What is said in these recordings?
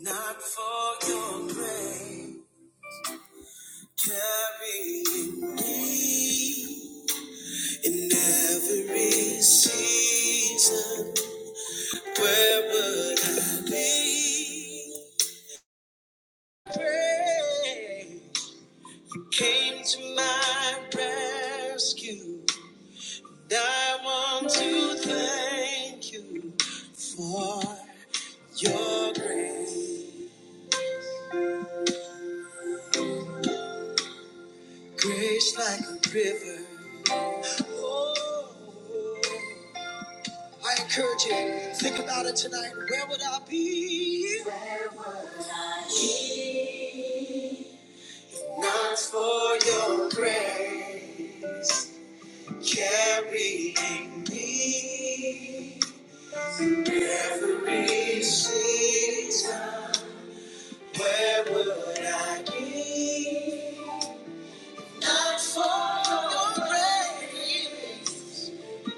Not for your grace, carrying me in every season. Where would I be? Pray came to my rescue. And I want to thank you for your grace, grace like a river. I encourage you, think about it tonight. Where would I be? Not for your grace, carrying me through every season. Where would I be? Not for your grace,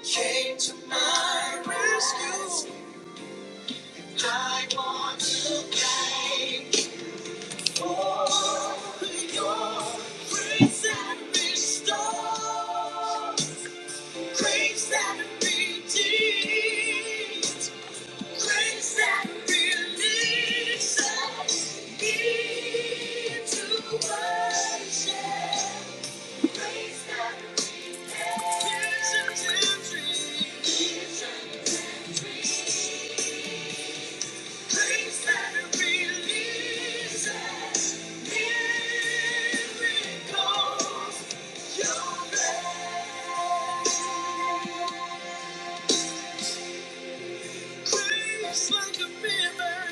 came to my rescue. I want to thank Your grace that restores, grace that redeems, grace that releases me to worship, grace that repairs visions and dreams, Please let me miracles. Your name craves like a mirror.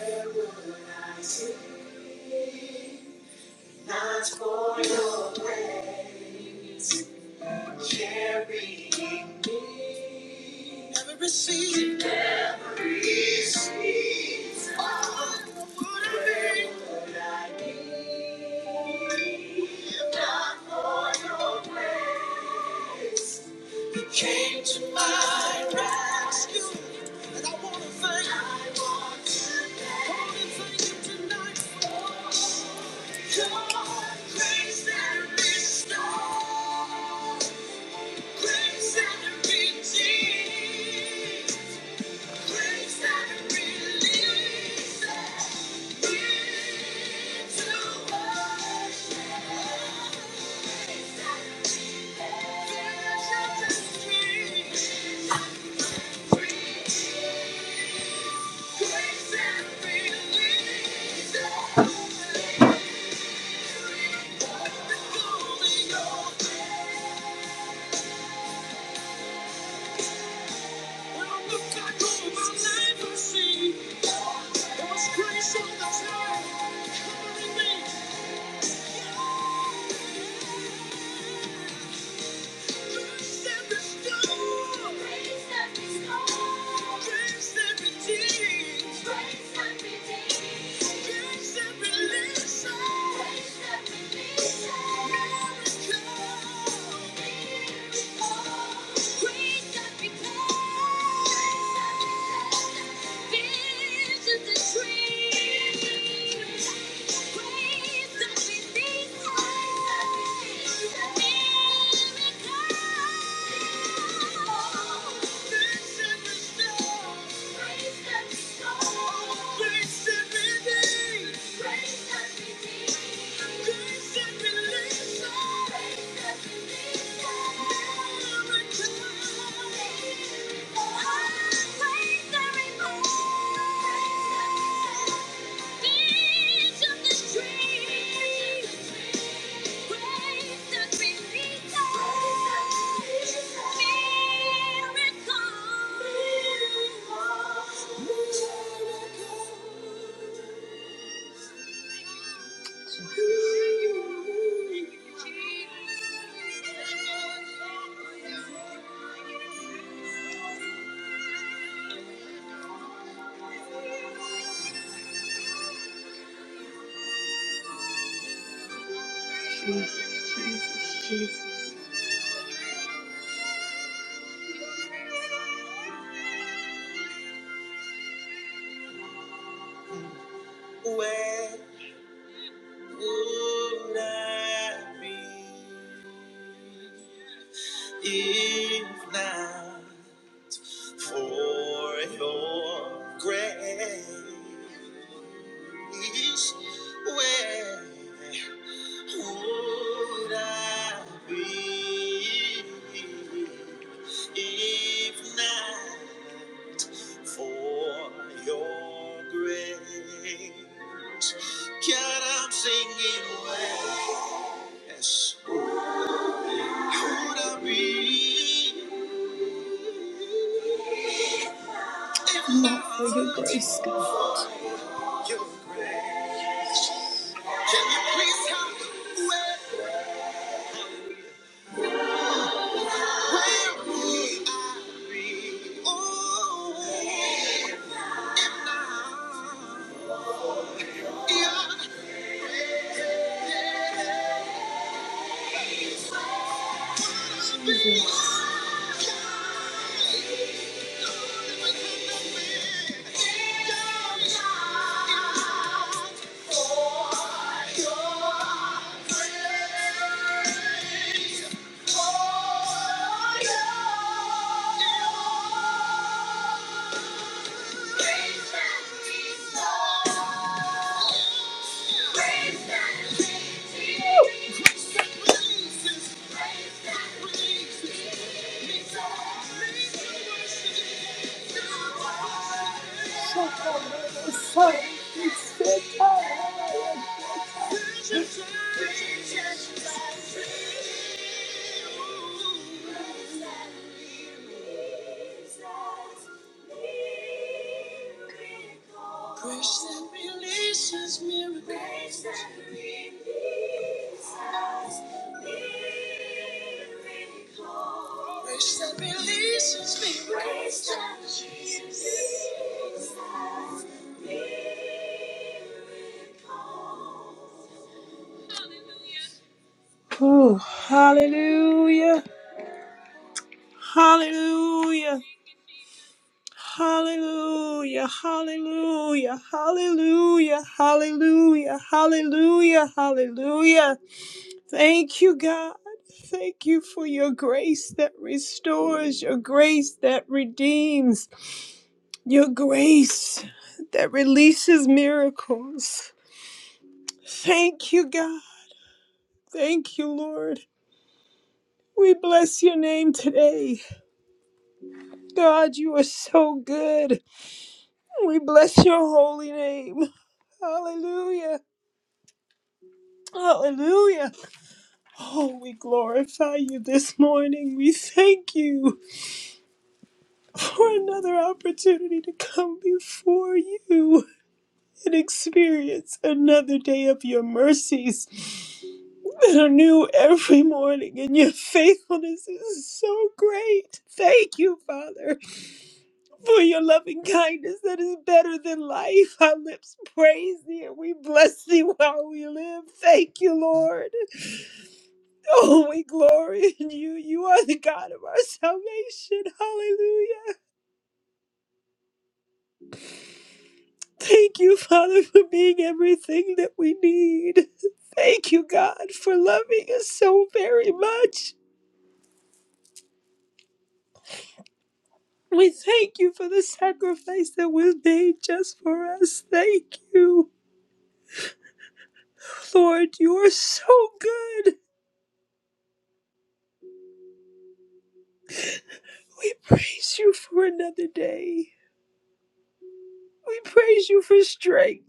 Where for your carrying. Never receive. Came to my rescue, and I want to thank you. I want to thank you tonight for your grace that restores, grace that redeems. Thank you. Thank you. Trees of the trees, trees of the trees of Thank you. Jesus. Where would I be if not for your grace? is where would I be if not for your grace? God, I'm singing yes. Would I be for your grace? Can you please help me? Where, where would I be? Oh. Jesus. Shut the fuck up. Grace that releases miracles. Grace that releases miracles. Grace that releases miracles. Grace that releases miracles. Whew. Hallelujah. Hallelujah. Hallelujah. Hallelujah. Hallelujah. Hallelujah. Hallelujah. Hallelujah. Thank you, God. Thank you for your grace that restores, your grace that redeems, your grace that releases miracles. Thank you, God. Thank you, Lord. We bless your name today. God, you are so good. We bless your holy name. Hallelujah. Hallelujah. Oh, we glorify you this morning. We thank you for another opportunity to come before you and experience another day of your mercies that are new every morning, and your faithfulness is so great. Thank you, Father. for your loving kindness that is better than life. Our lips praise thee and we bless thee while we live. Thank you, Lord. Oh, we glory in you. You are the God of our salvation. Hallelujah. Thank you, Father, for being everything that we need. Thank you, God, for loving us so very much. We thank you for the sacrifice that was made just for us. Thank you. Lord, you are so good. We praise you for another day. We praise you for strength.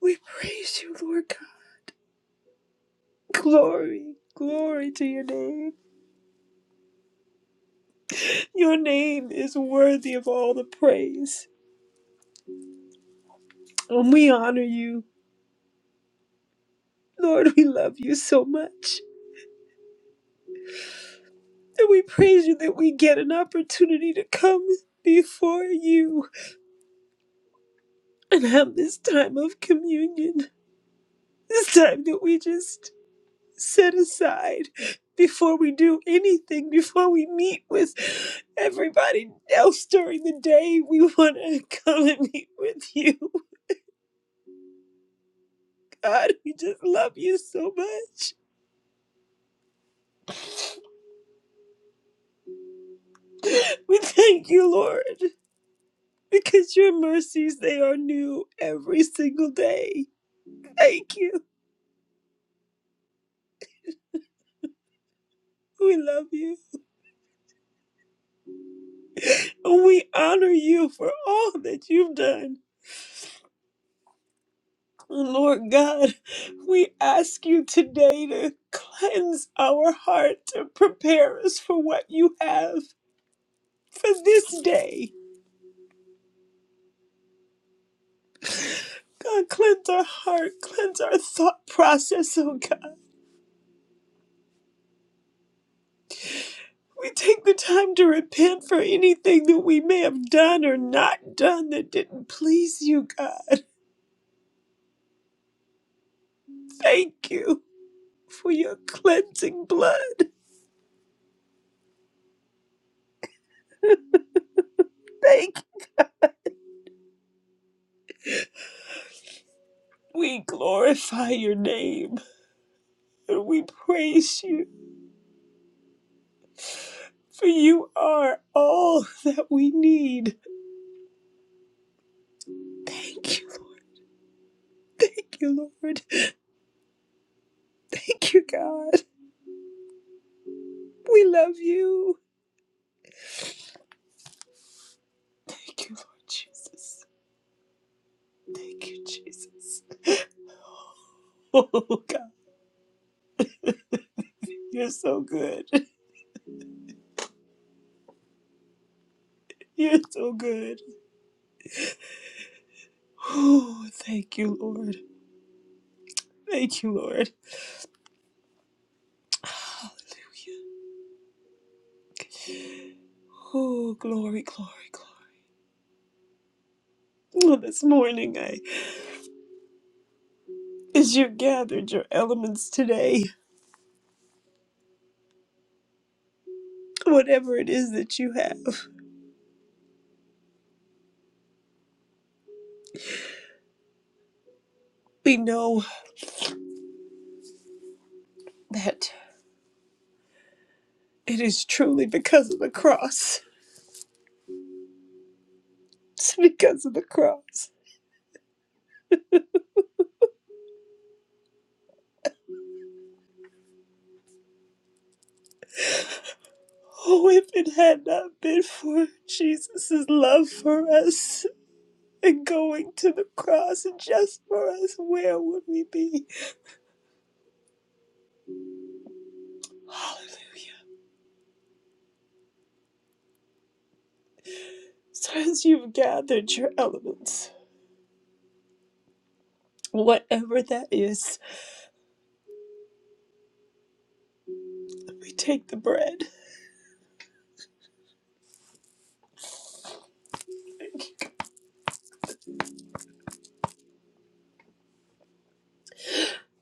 We praise you, Lord God. Glory, glory to your name. Your name is worthy of all the praise. And we honor you. Lord, we love you so much. And we praise you that we get an opportunity to come before you and have this time of communion. This time that we just set aside before we do anything, before we meet with everybody else during the day. We want to come and meet with you. God, we just love you so much. We thank you, Lord, because your mercies, they are new every single day. Thank you. We love you. We honor you for all that you've done. Lord God, we ask you today to cleanse our heart, to prepare us for what you have for this day. God, cleanse our heart, cleanse our thought process, oh God. We take the time to repent for anything that we may have done or not done that didn't please you, God. Thank you for your cleansing blood. Thank you. We glorify your name and we praise you. for you are all that we need. Thank you, thank you, Lord. Thank you, God. We love you. Thank you, Lord Jesus. Thank you, Jesus. Oh, God, you're so good. You're so good. Oh, thank you, Lord. Thank you, Lord. Hallelujah. Oh, glory, glory, glory. Well, this morning, I, as you gathered your elements today, whatever it is that you have, we know that. It is truly because of the cross. It's because of the cross. Oh, if it had not been for Jesus' love for us and going to the cross just for us, where would we be? Hallelujah. So, as you've gathered your elements, whatever that is, we take the bread.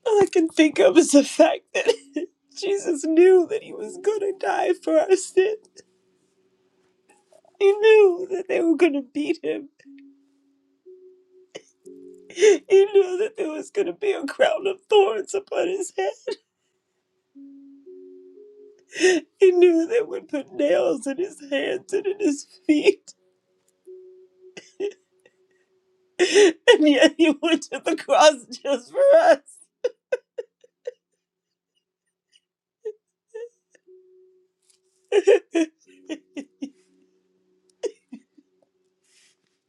All I can think of is the fact that Jesus knew that he was going to die for our sin. He knew that they were going to beat him. He knew that there was going to be a crown of thorns upon his head. He knew they would put nails in his hands and in his feet. And yet he went to the cross just for us.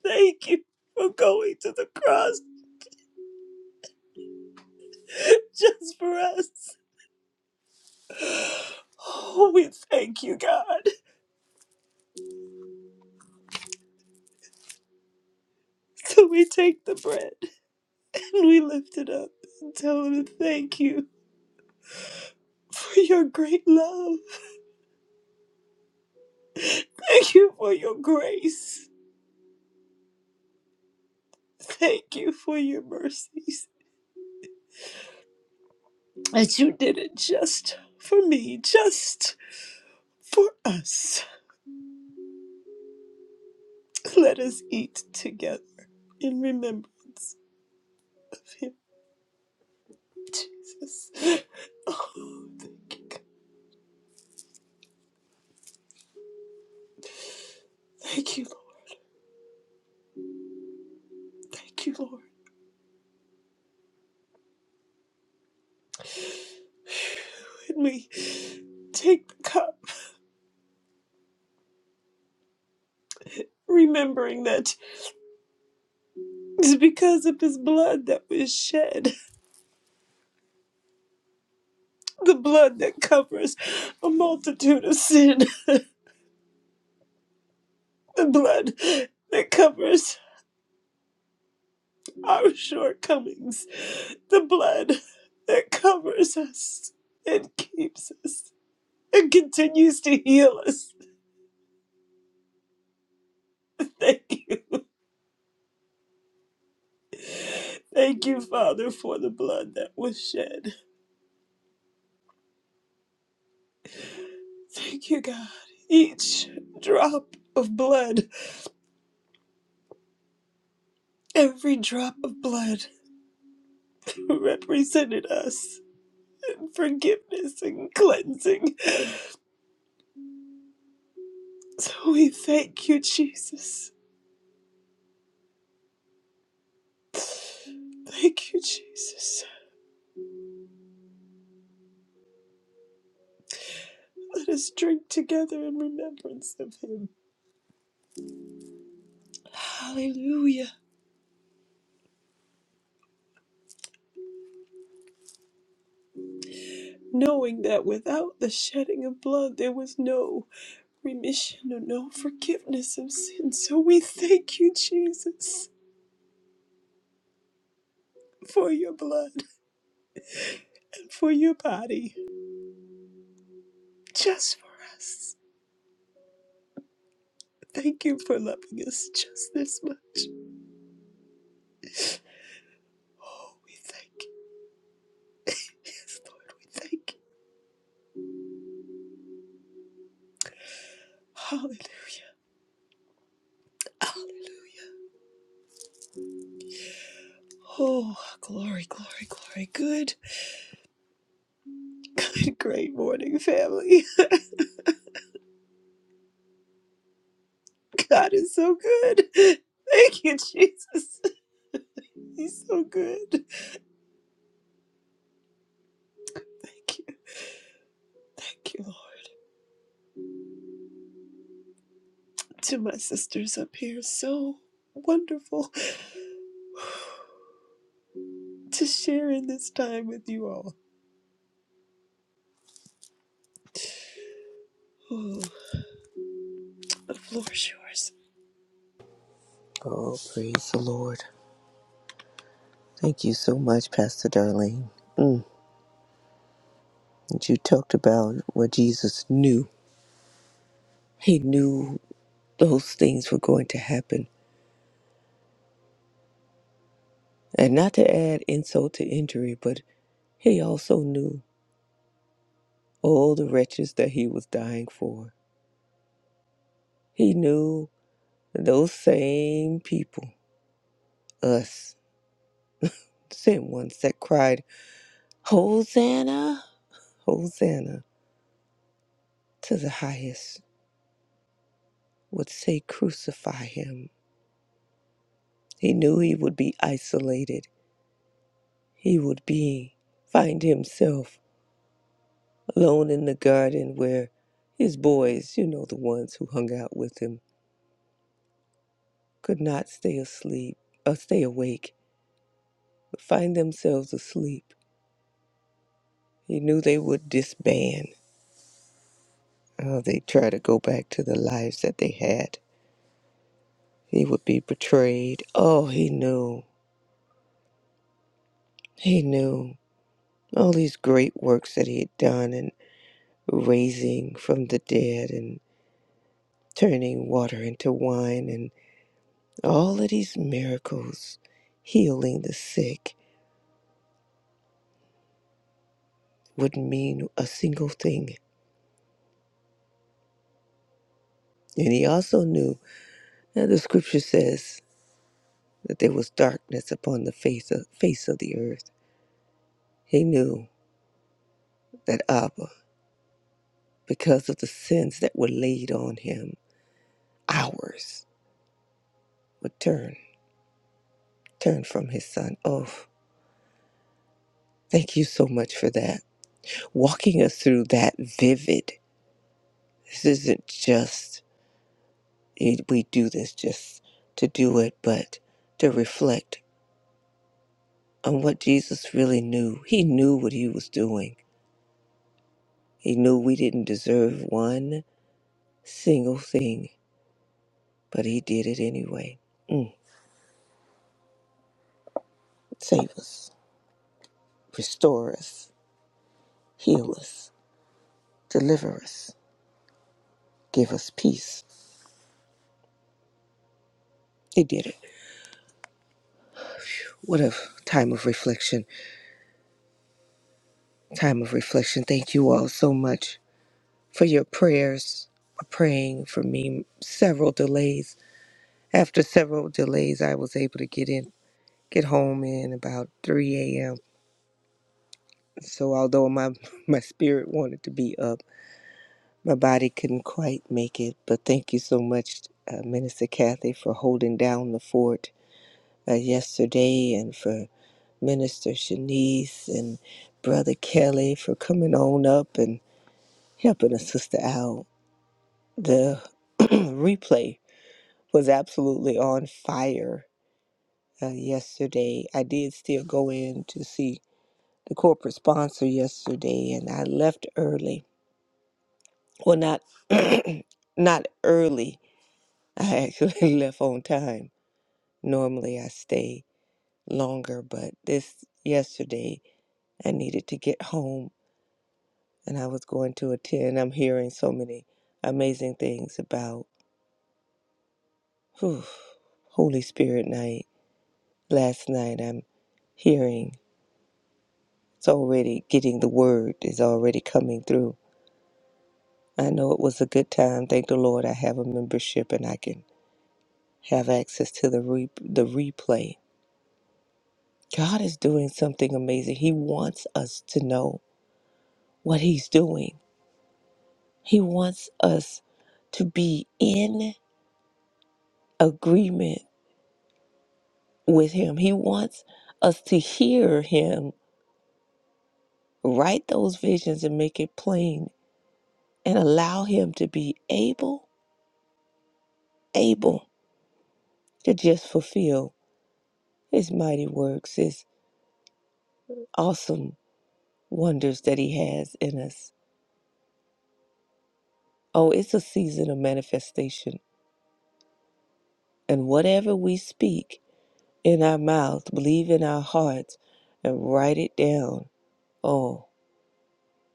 Thank you for going to the cross just for us. Oh, we thank you, God. So we take the bread and we lift it up and tell him thank you for your great love. Thank you for your grace. Thank you for your mercies that you did it just for me, just for us. Let us eat together in remembrance of him, Jesus. Oh, thank you, God. Thank you, Lord. Thank you, Lord. When we take the cup, remembering that it's because of his blood that was shed, the blood that covers a multitude of sin, the blood that covers our shortcomings, the blood that covers us and keeps us and continues to heal us. Thank you. Thank you, Father, for the blood that was shed. Thank you, God. Each drop of blood, every drop of blood represented us. Forgiveness and cleansing. So we thank you, Jesus. Thank you, Jesus. Let us drink together in remembrance of him. Hallelujah. Knowing that without the shedding of blood there was no remission or no forgiveness of sin. So we thank you, Jesus, for your blood and for your body, just for us. Thank you for loving us just this much. Oh, we thank you. Yes, Lord, we thank you. Hallelujah. Hallelujah. Oh, glory, glory, glory. Good, good, great morning, family. God is so good. Thank you, Jesus. He's so good. Thank you. Thank you, Lord. To my sisters up here, so wonderful to share in this time with you all. Ooh, the floor is yours. Oh, praise the Lord. Thank you so much, Pastor Darlene. Mm, you talked about what Jesus knew. He knew those things were going to happen. And not to add insult to injury, but he also knew all the wretches that he was dying for. He knew those same people, us, same ones that cried, Hosanna, Hosanna to the highest, would say, Crucify him. He knew he would be isolated. he would be find himself alone in the garden where his boys, you know, the ones who hung out with him, could not stay asleep or stay awake, but find themselves asleep. He knew they would disband. Oh, they'd try to go back to the lives that they had. He would be betrayed. Oh, he knew. He knew all these great works that he had done and raising from the dead and turning water into wine All of these miracles, healing the sick, wouldn't mean a single thing. And he also knew that the scripture says that there was darkness upon the face of, face of the earth. He knew that Abba, because of the sins that were laid on him, ours would turn, turn from his son. Oh, thank you so much for that. Walking us through that vivid. This isn't just, it, we do this just to do it, but to reflect on what Jesus really knew. He knew what he was doing. He knew we didn't deserve one single thing, but he did it anyway. Mm. Save us, restore us, heal us, deliver us, give us peace. He did it. What a time of reflection. Time of reflection. Thank you all so much for your prayers, for praying for me. Several delays. After several delays, I was able to get in, get home in about 3 a.m So although my my spirit wanted to be up, my body couldn't quite make it. But thank you so much, uh, Minister Kathy, for holding down the fort uh, yesterday, and for Minister Shanice and Brother Kelly for coming on up and helping us, sister out. The replay was absolutely on fire uh, yesterday. I did still go in to see the corporate sponsor yesterday, and I left early Well, not not early. I actually left on time. Normally I stay longer, but this yesterday I needed to get home and I was going to attend. I'm hearing so many amazing things about whew, Holy Spirit night. Last night I'm hearing it's already getting the word is already coming through. I know it was a good time. Thank the Lord I have a membership and I can have access to the re- the replay God is doing something amazing. He wants us to know what He's doing, He wants us to be in agreement with Him. He wants us to hear Him write those visions and make it plain and allow Him to be able, able to just fulfill His mighty works, His awesome wonders that He has in us. Oh, it's a season of manifestation. And whatever we speak, in our mouth, believe in our hearts, and write it down. Oh,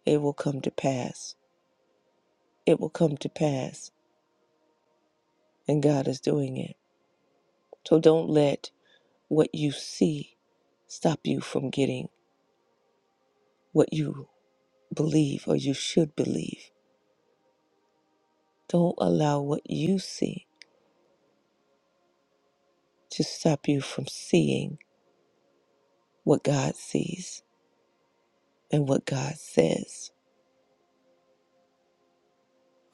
it will come to pass. It will come to pass. And God is doing it. So don't let what you see stop you from getting what you believe or you should believe. Don't allow what you see to stop you from seeing what God sees and what God says.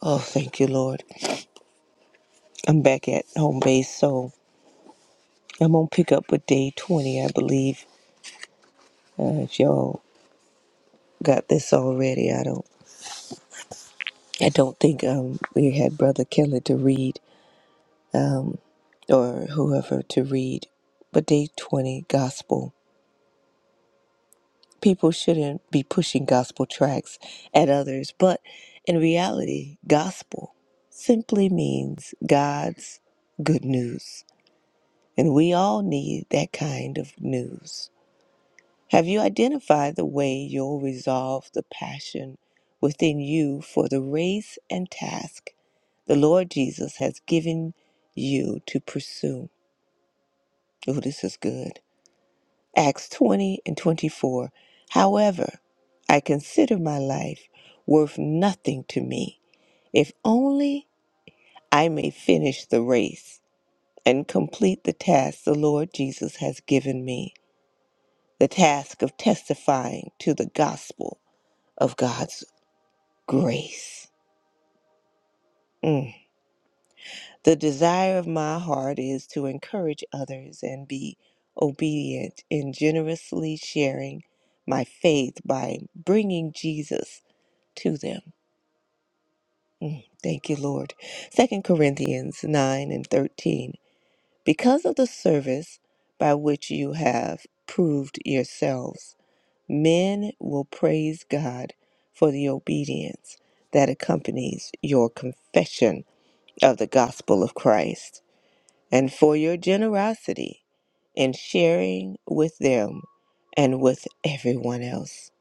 Oh, thank you, Lord. I'm back at home base, so I'm going to pick up with day 20, I believe Uh, if y'all got this already, I don't. I don't think um, we had Brother Kelly to read um, or whoever to read. But day twenty, gospel. People shouldn't be pushing gospel tracks at others, but in reality, gospel simply means God's good news, and we all need that kind of news. Have you identified the way you'll resolve the passion within you for the race and task? the Lord Jesus has given you to pursue. Oh, this is good. Acts 20 and 24. However, I consider my life worth nothing to me if only I may finish the race and complete the task the Lord Jesus has given me the task of testifying to the gospel of God's grace. Mm. The desire of my heart is to encourage others and be obedient in generously sharing my faith by bringing Jesus to them. Thank you, Lord. Second Corinthians 9 and 13. Because of the service by which you have proved yourselves, men will praise God for the obedience that accompanies your confession of the gospel of Christ. and for your generosity in sharing with them and with everyone else.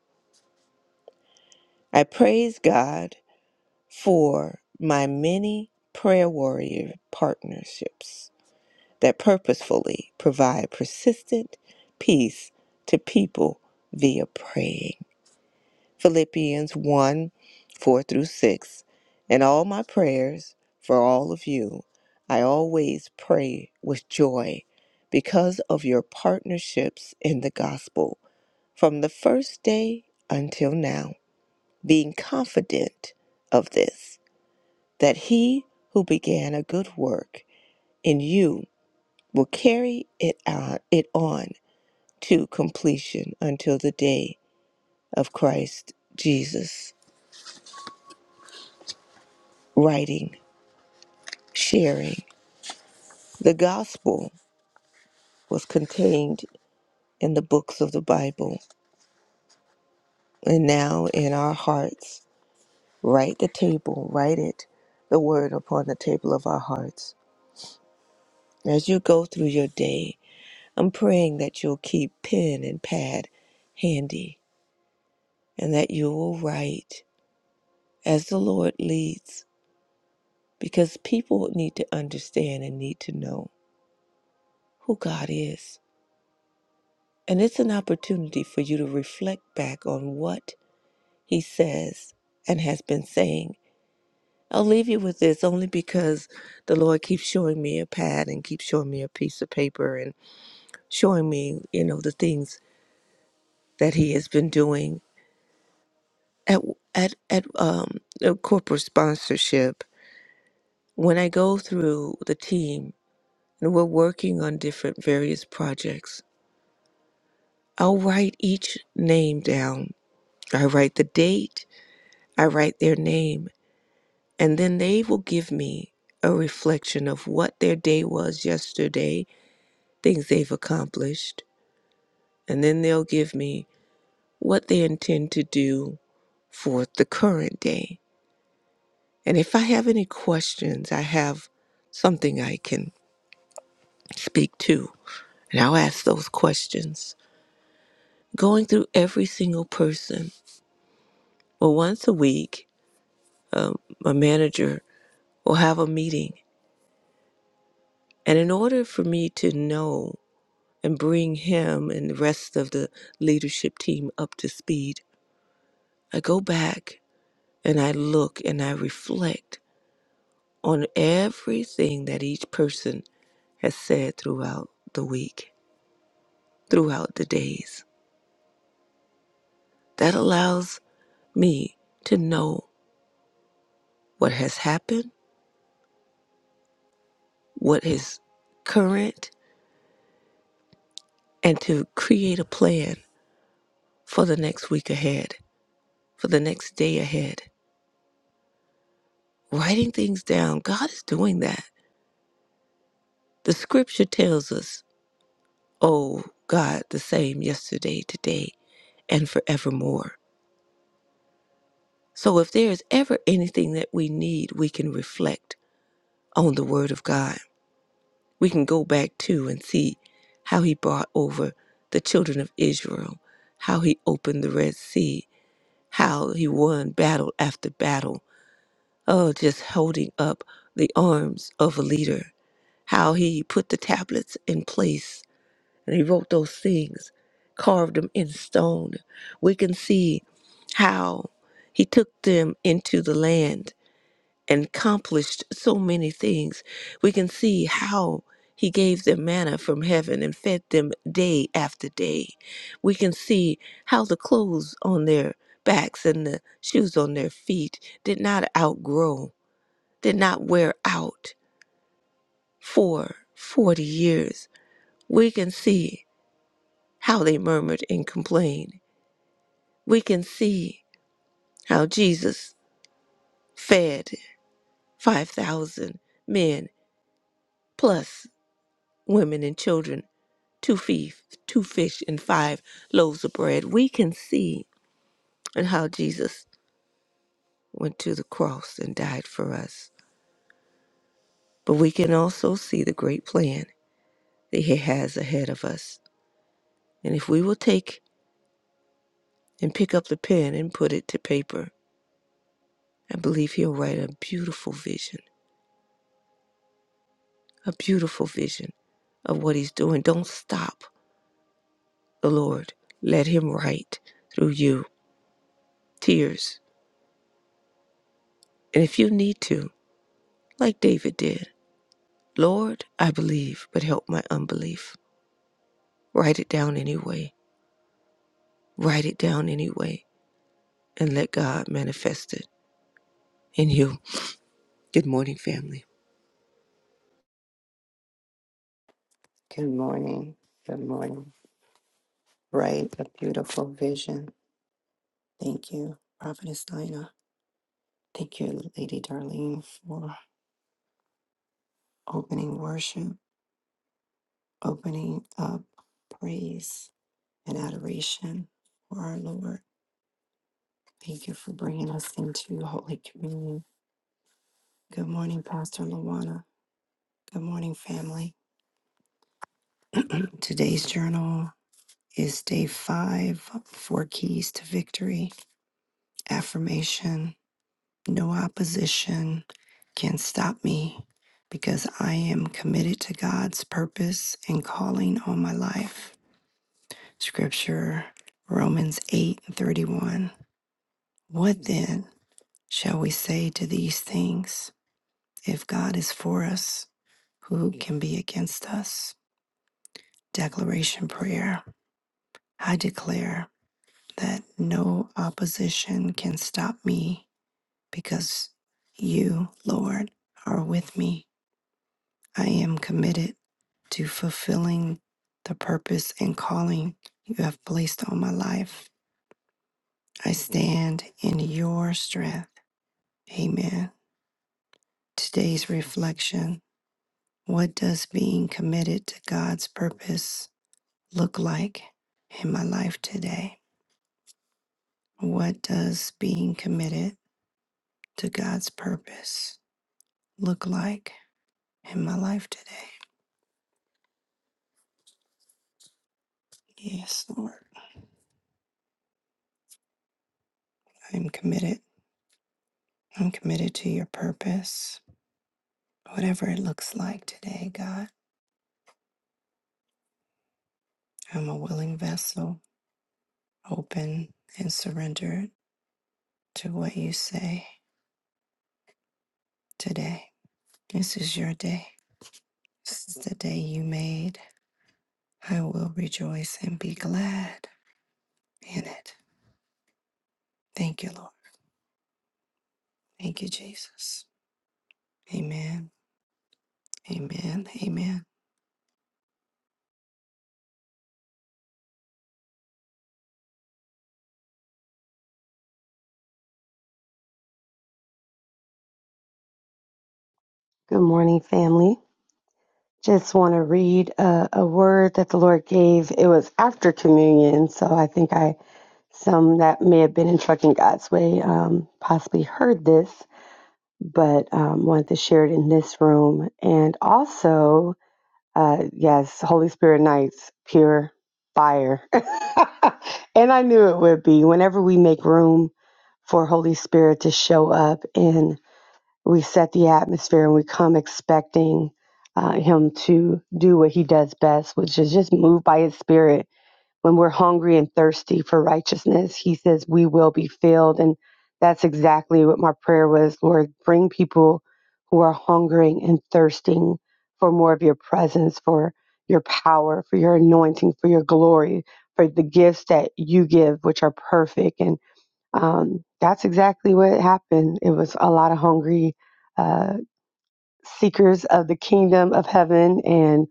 I praise God for my many prayer warrior partnerships that purposefully provide persistent peace to people via praying. Philippians 1 4 through 6. In all my prayers for all of you, I always pray with joy because of your partnerships in the gospel from the first day until now, being confident of this, that he who began a good work in you will carry it, out, it on to completion until the day of Christ Jesus. Writing sharing. The gospel was contained in the books of the Bible and now in our hearts. Write the table, write it, the word upon the table of our hearts. As you go through your day, I'm praying that you'll keep pen and pad handy and that you will write as the Lord leads because people need to understand and need to know who God is. And it's an opportunity for you to reflect back on what he says and has been saying. I'll leave you with this only because the Lord keeps showing me a pad and keeps showing me a piece of paper and showing me, you know, the things that he has been doing at at at um uh, corporate sponsorship. When I go through the team and we're working on different various projects, I'll write each name down. I write the date, I write their name, And then they will give me a reflection of what their day was yesterday, things they've accomplished. And then they'll give me what they intend to do for the current day. And if I have any questions, I have something I can speak to. And I'll ask those questions. Going through every single person. Well, once a week, um, a manager will have a meeting. And in order for me to know and bring him and the rest of the leadership team up to speed. I go back and I look and I reflect on everything that each person has said throughout the week, throughout the days. That allows me to know what has happened, what is current, and to create a plan for the next week ahead, for the next day ahead. Writing things down, God is doing that. The scripture tells us oh God, the same yesterday, today, and forevermore. So if there is ever anything that we need, we can reflect on the Word of God. We can go back to and see how He brought over the children of Israel, how He opened the Red Sea, how He won battle after battle. Oh, just holding up the arms of a leader, how He put the tablets in place And he wrote those things, carved them in stone. We can see how he took them into the land and accomplished so many things. We can see how he gave them manna from heaven and fed them day after day. We can see how the clothes on their backs and the shoes on their feet did not outgrow, did not wear out for 40 years. We can see how they murmured and complained. We can see how Jesus fed 5,000 men plus women and children, two, fish, two fish and five loaves of bread. We can see and how Jesus went to the cross and died for us. But we can also see the great plan that he has ahead of us. And if we will take and pick up the pen and put it to paper, I believe he'll write a beautiful vision a beautiful vision of what he's doing. Don't stop the Lord. Let him write through you tears. And if you need to, like David did, Lord, I believe, but help my unbelief. Write it down anyway. Write it down anyway and let God manifest it in you. Good morning, family. Good morning. Good morning. Right, a beautiful vision. Thank you, Prophetess Lina. Thank you, Lady Darlene, for opening worship, opening up praise and adoration for our Lord. Thank you for bringing us into Holy Communion. Good morning, Pastor Luana. Good morning, family. Today's journal is day five, Four Keys to Victory, Affirmation No opposition can stop me because I am committed to God's purpose and calling on my life. Scripture Romans 8 and 31. What then shall we say to these things? If God is for us, who can be against us? Declaration prayer. I declare that no opposition can stop me because you, Lord, are with me I am committed to fulfilling the purpose and calling you have placed on my life. I stand in your strength. Amen. Today's reflection What does being committed to God's purpose look like in my life today? What does being committed to God's purpose look like in my life today? Yes, Lord. I'm committed. I'm committed to your purpose. Whatever it looks like today, God, I'm a willing vessel, open and surrendered to what you say today. This is your day. This is the day you made. I will rejoice and be glad in it. Thank you, Lord. Thank you, Jesus. Amen. Amen. Amen. Good morning, family. Just want to read a, a word that the Lord gave. It was after communion, so I think I some that may have been in Trucking God's Way um, possibly heard this, but um, wanted to share it in this room. And also, uh, yes, Holy Spirit nights, pure fire, and I knew it would be. Whenever we make room for Holy Spirit to show up and we set the atmosphere and we come expecting uh, him to do what he does best, which is just move by his spirit. When we're hungry and thirsty for righteousness, he says we will be filled. And that's exactly what my prayer was Lord, bring people who are hungering and thirsting for more of your presence, for your power, for your anointing, for your glory, for the gifts that you give, which are perfect. and. Um, that's exactly what happened. It was a lot of hungry uh, seekers of the kingdom of heaven, and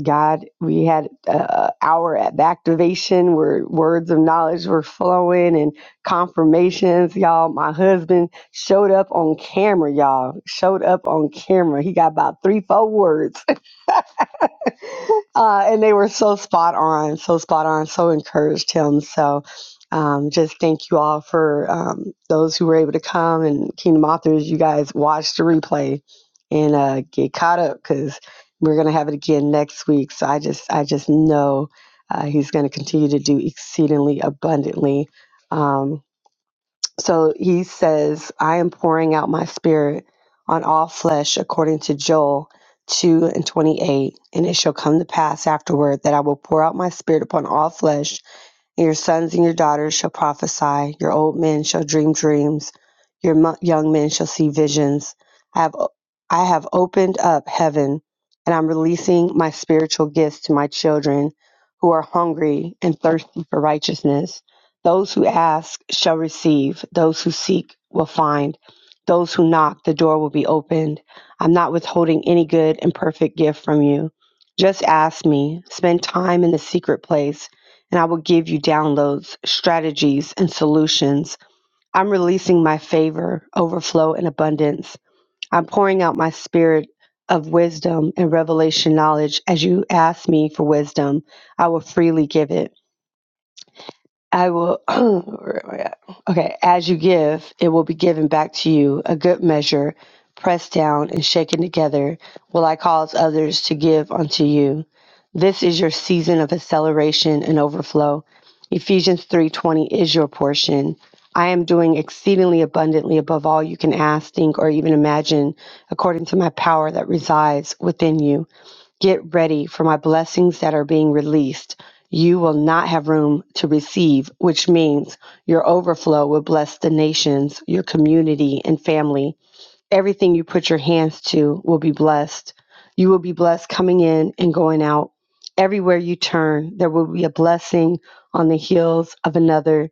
God, we had uh, our activation where words of knowledge were flowing and confirmations. Y'all, my husband showed up on camera. Y'all showed up on camera. He got about three, four words uh, and they were so spot on, so spot on, so encouraged him. So um, just thank you all for um, those who were able to come and Kingdom Authors, you guys watch the replay and uh, get caught up because we're going to have it again next week. So I just, I just know uh, he's going to continue to do exceedingly abundantly. Um, so he says, I am pouring out my spirit on all flesh, according to Joel 2 and 28. And it shall come to pass afterward that I will pour out my spirit upon all flesh and your sons and your daughters shall prophesy, your old men shall dream dreams, your mo- young men shall see visions. I have, I have opened up heaven, and I'm releasing my spiritual gifts to my children who are hungry and thirsty for righteousness. Those who ask shall receive, those who seek will find, those who knock, the door will be opened. I'm not withholding any good and perfect gift from you. Just ask me, spend time in the secret place and I will give you downloads, strategies, and solutions. I'm releasing my favor, overflow, and abundance. I'm pouring out my spirit of wisdom and revelation knowledge as you ask me for wisdom. I will freely give it. I will, where am I at? Okay, as you give, it will be given back to you, a good measure, pressed down and shaken together, will I cause others to give unto you. This is your season of acceleration and overflow. Ephesians 3:20 is your portion. I am doing exceedingly abundantly above all you can ask, think, or even imagine, according to my power that resides within you. Get ready for my blessings that are being released. You will not have room to receive, which means your overflow will bless the nations, your community, and family. Everything you put your hands to will be blessed. You will be blessed coming in and going out. Everywhere you turn, there will be a blessing on the heels of another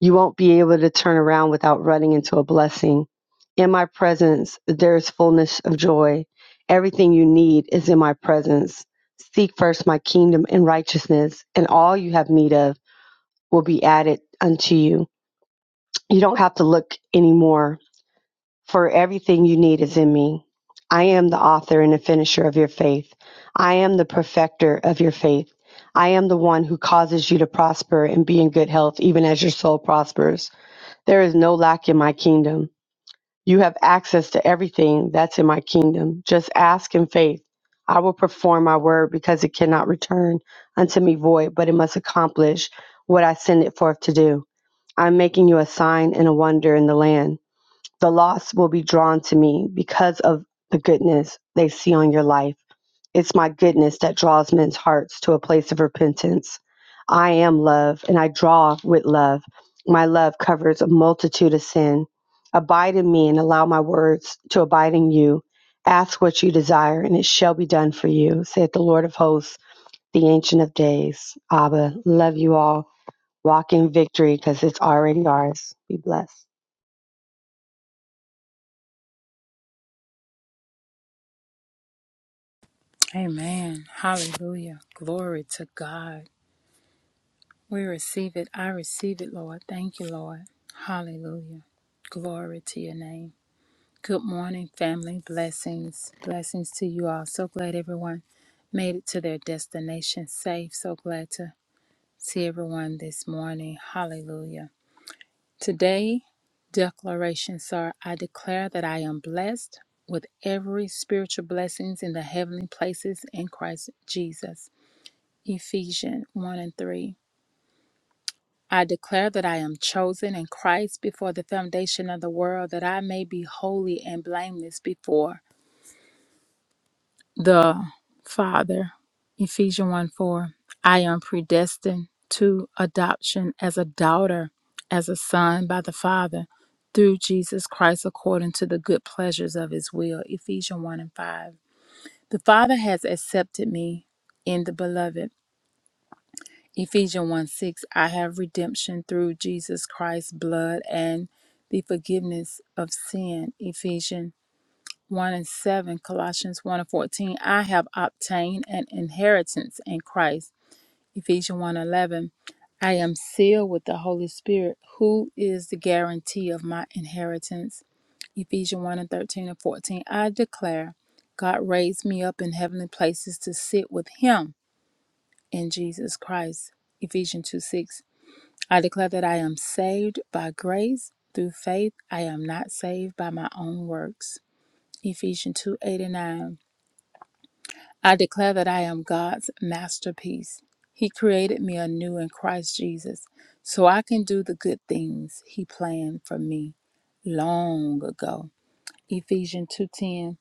you won't be able to turn around without running into a blessing. In my presence, there is fullness of joy. Everything you need is in my presence. Seek first my kingdom and righteousness, and all you have need of will be added unto you. You don't have to look anymore, for everything you need is in me. I am the author and the finisher of your faith. I am the perfecter of your faith. I am the one who causes you to prosper and be in good health, even as your soul prospers. There is no lack in my kingdom. You have access to everything that's in my kingdom. Just ask in faith. I will perform my word because it cannot return unto me void, but it must accomplish what I send it forth to do. I'm making you a sign and a wonder in the land. The lost will be drawn to me because of the goodness they see on your life. It's my goodness that draws men's hearts to a place of repentance. I am love, and I draw with love. My love covers a multitude of sin. Abide in me and allow my words to abide in you. Ask what you desire, and it shall be done for you, saith the Lord of hosts, the Ancient of Days. Abba, love you all. Walk in victory because it's already ours. Be blessed. Amen. Hallelujah. Glory to God. We receive it. I receive it, Lord. Thank you, Lord. Hallelujah. Glory to your name. Good morning, family. Blessings. Blessings to you all. So glad everyone made it to their destination safe. So glad to see everyone this morning. Hallelujah. Today, declarations are I declare that I am blessed with every spiritual blessings in the heavenly places in Christ Jesus. Ephesians 1 and 3. I declare that I am chosen in Christ before the foundation of the world, that I may be holy and blameless before the Father. Ephesians 1 4. I am predestined to adoption as a daughter, as a son by the Father, through Jesus Christ according to the good pleasures of his will. Ephesians 1 and 5. The Father has accepted me in the beloved. Ephesians 1 6, I have redemption through Jesus Christ's blood and the forgiveness of sin. Ephesians 1 and 7, Colossians 1 and 14, I have obtained an inheritance in Christ. Ephesians one 11, I am sealed with the Holy Spirit, who is the guarantee of my inheritance. Ephesians 1 and 13 and 14, I declare God raised me up in heavenly places to sit with Him in Jesus Christ. Ephesians 2 6, I declare that I am saved by grace through faith. I am not saved by my own works. Ephesians 2:89. I declare that I am God's masterpiece. He created me anew in Christ Jesus so I can do the good things he planned for me long ago. Ephesians 2:10.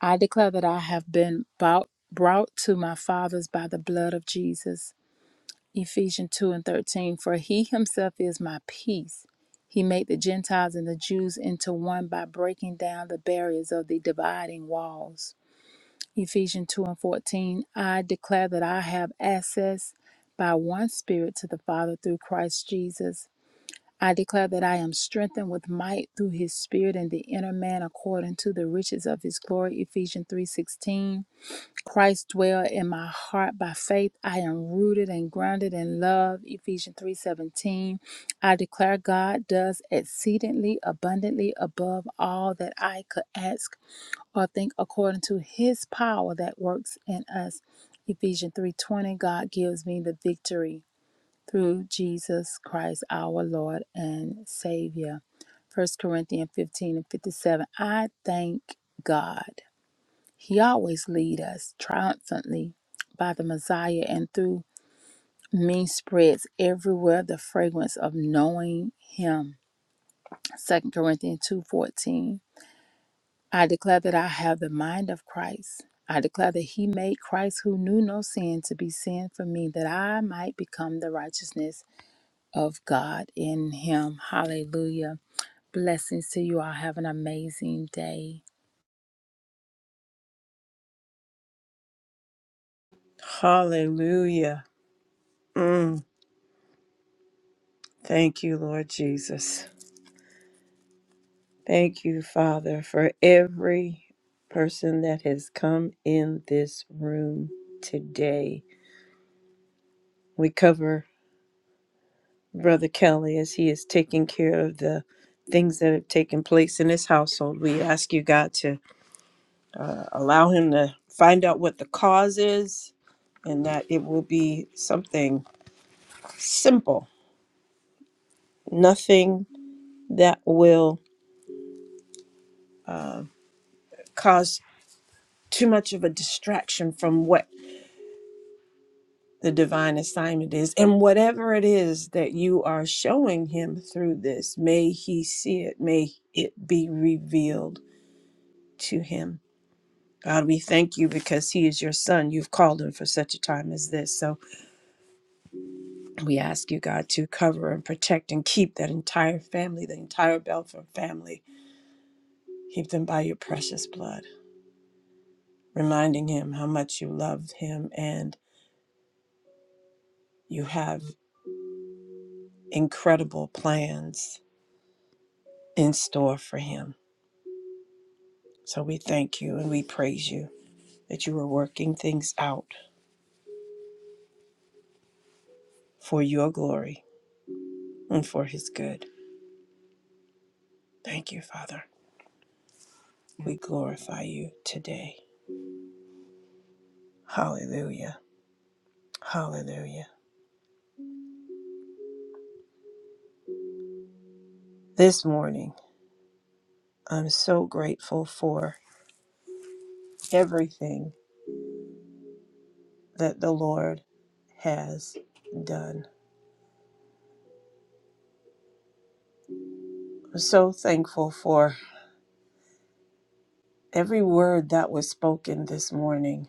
I declare that I have been bought, brought to my fathers by the blood of Jesus. Ephesians 2 and 13. For he himself is my peace. He made the Gentiles and the Jews into one by breaking down the barriers of the dividing walls. Ephesians 2 and 14. I declare that I have access by one Spirit to the Father through Christ Jesus. I declare that I am strengthened with might through his spirit in the inner man according to the riches of his glory Ephesians 3:16 Christ dwell in my heart by faith. I am rooted and grounded in love. Ephesians 3:17. I declare God does exceedingly abundantly above all that I could ask or think according to his power that works in us. Ephesians 3:20. God gives me the victory through Jesus Christ our Lord and Savior. First Corinthians 15 and 57. I thank God. He always leads us triumphantly by the Messiah and through me spreads everywhere the fragrance of knowing him. Second Corinthians 2:14. I declare that I have the mind of Christ. I declare that he made Christ who knew no sin to be sin for me that I might become the righteousness of God in him. Hallelujah. Blessings to you all. Have an amazing day. Hallelujah. Mm, thank you, Lord Jesus. Thank you, Father, for every person that has come in this room today. We cover Brother Kelly as he is taking care of the things that have taken place in his household. We ask you, God, to allow him to find out what the cause is and that it will be something simple, nothing that will cause too much of a distraction from what the divine assignment is. And whatever it is that you are showing him through this, may he see it, may it be revealed to him. God, we thank you because he is your son. You've called him for such a time as this. So we ask you, God, to cover and protect and keep that entire family, the entire Belford family. Keep them by your precious blood, reminding him how much you love him and you have incredible plans in store for him. So we thank you and we praise you that you are working things out for your glory and for his good. Thank you, Father. We glorify you today. Hallelujah. Hallelujah. This morning, I'm so grateful for everything that the Lord has done. I'm so thankful for every word that was spoken this morning.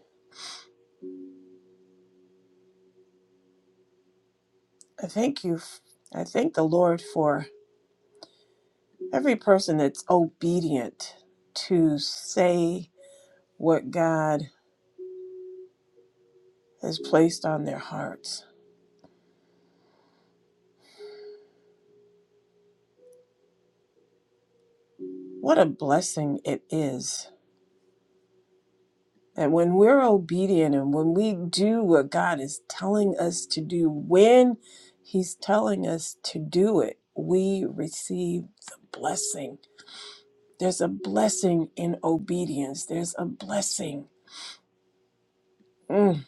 I thank you. f- I thank the Lord for every person that's obedient to say what God has placed on their hearts. What a blessing it is And when we're obedient and when we do what God is telling us to do, when He's telling us to do it, we receive the blessing. There's a blessing in obedience, there's a blessing. Mm,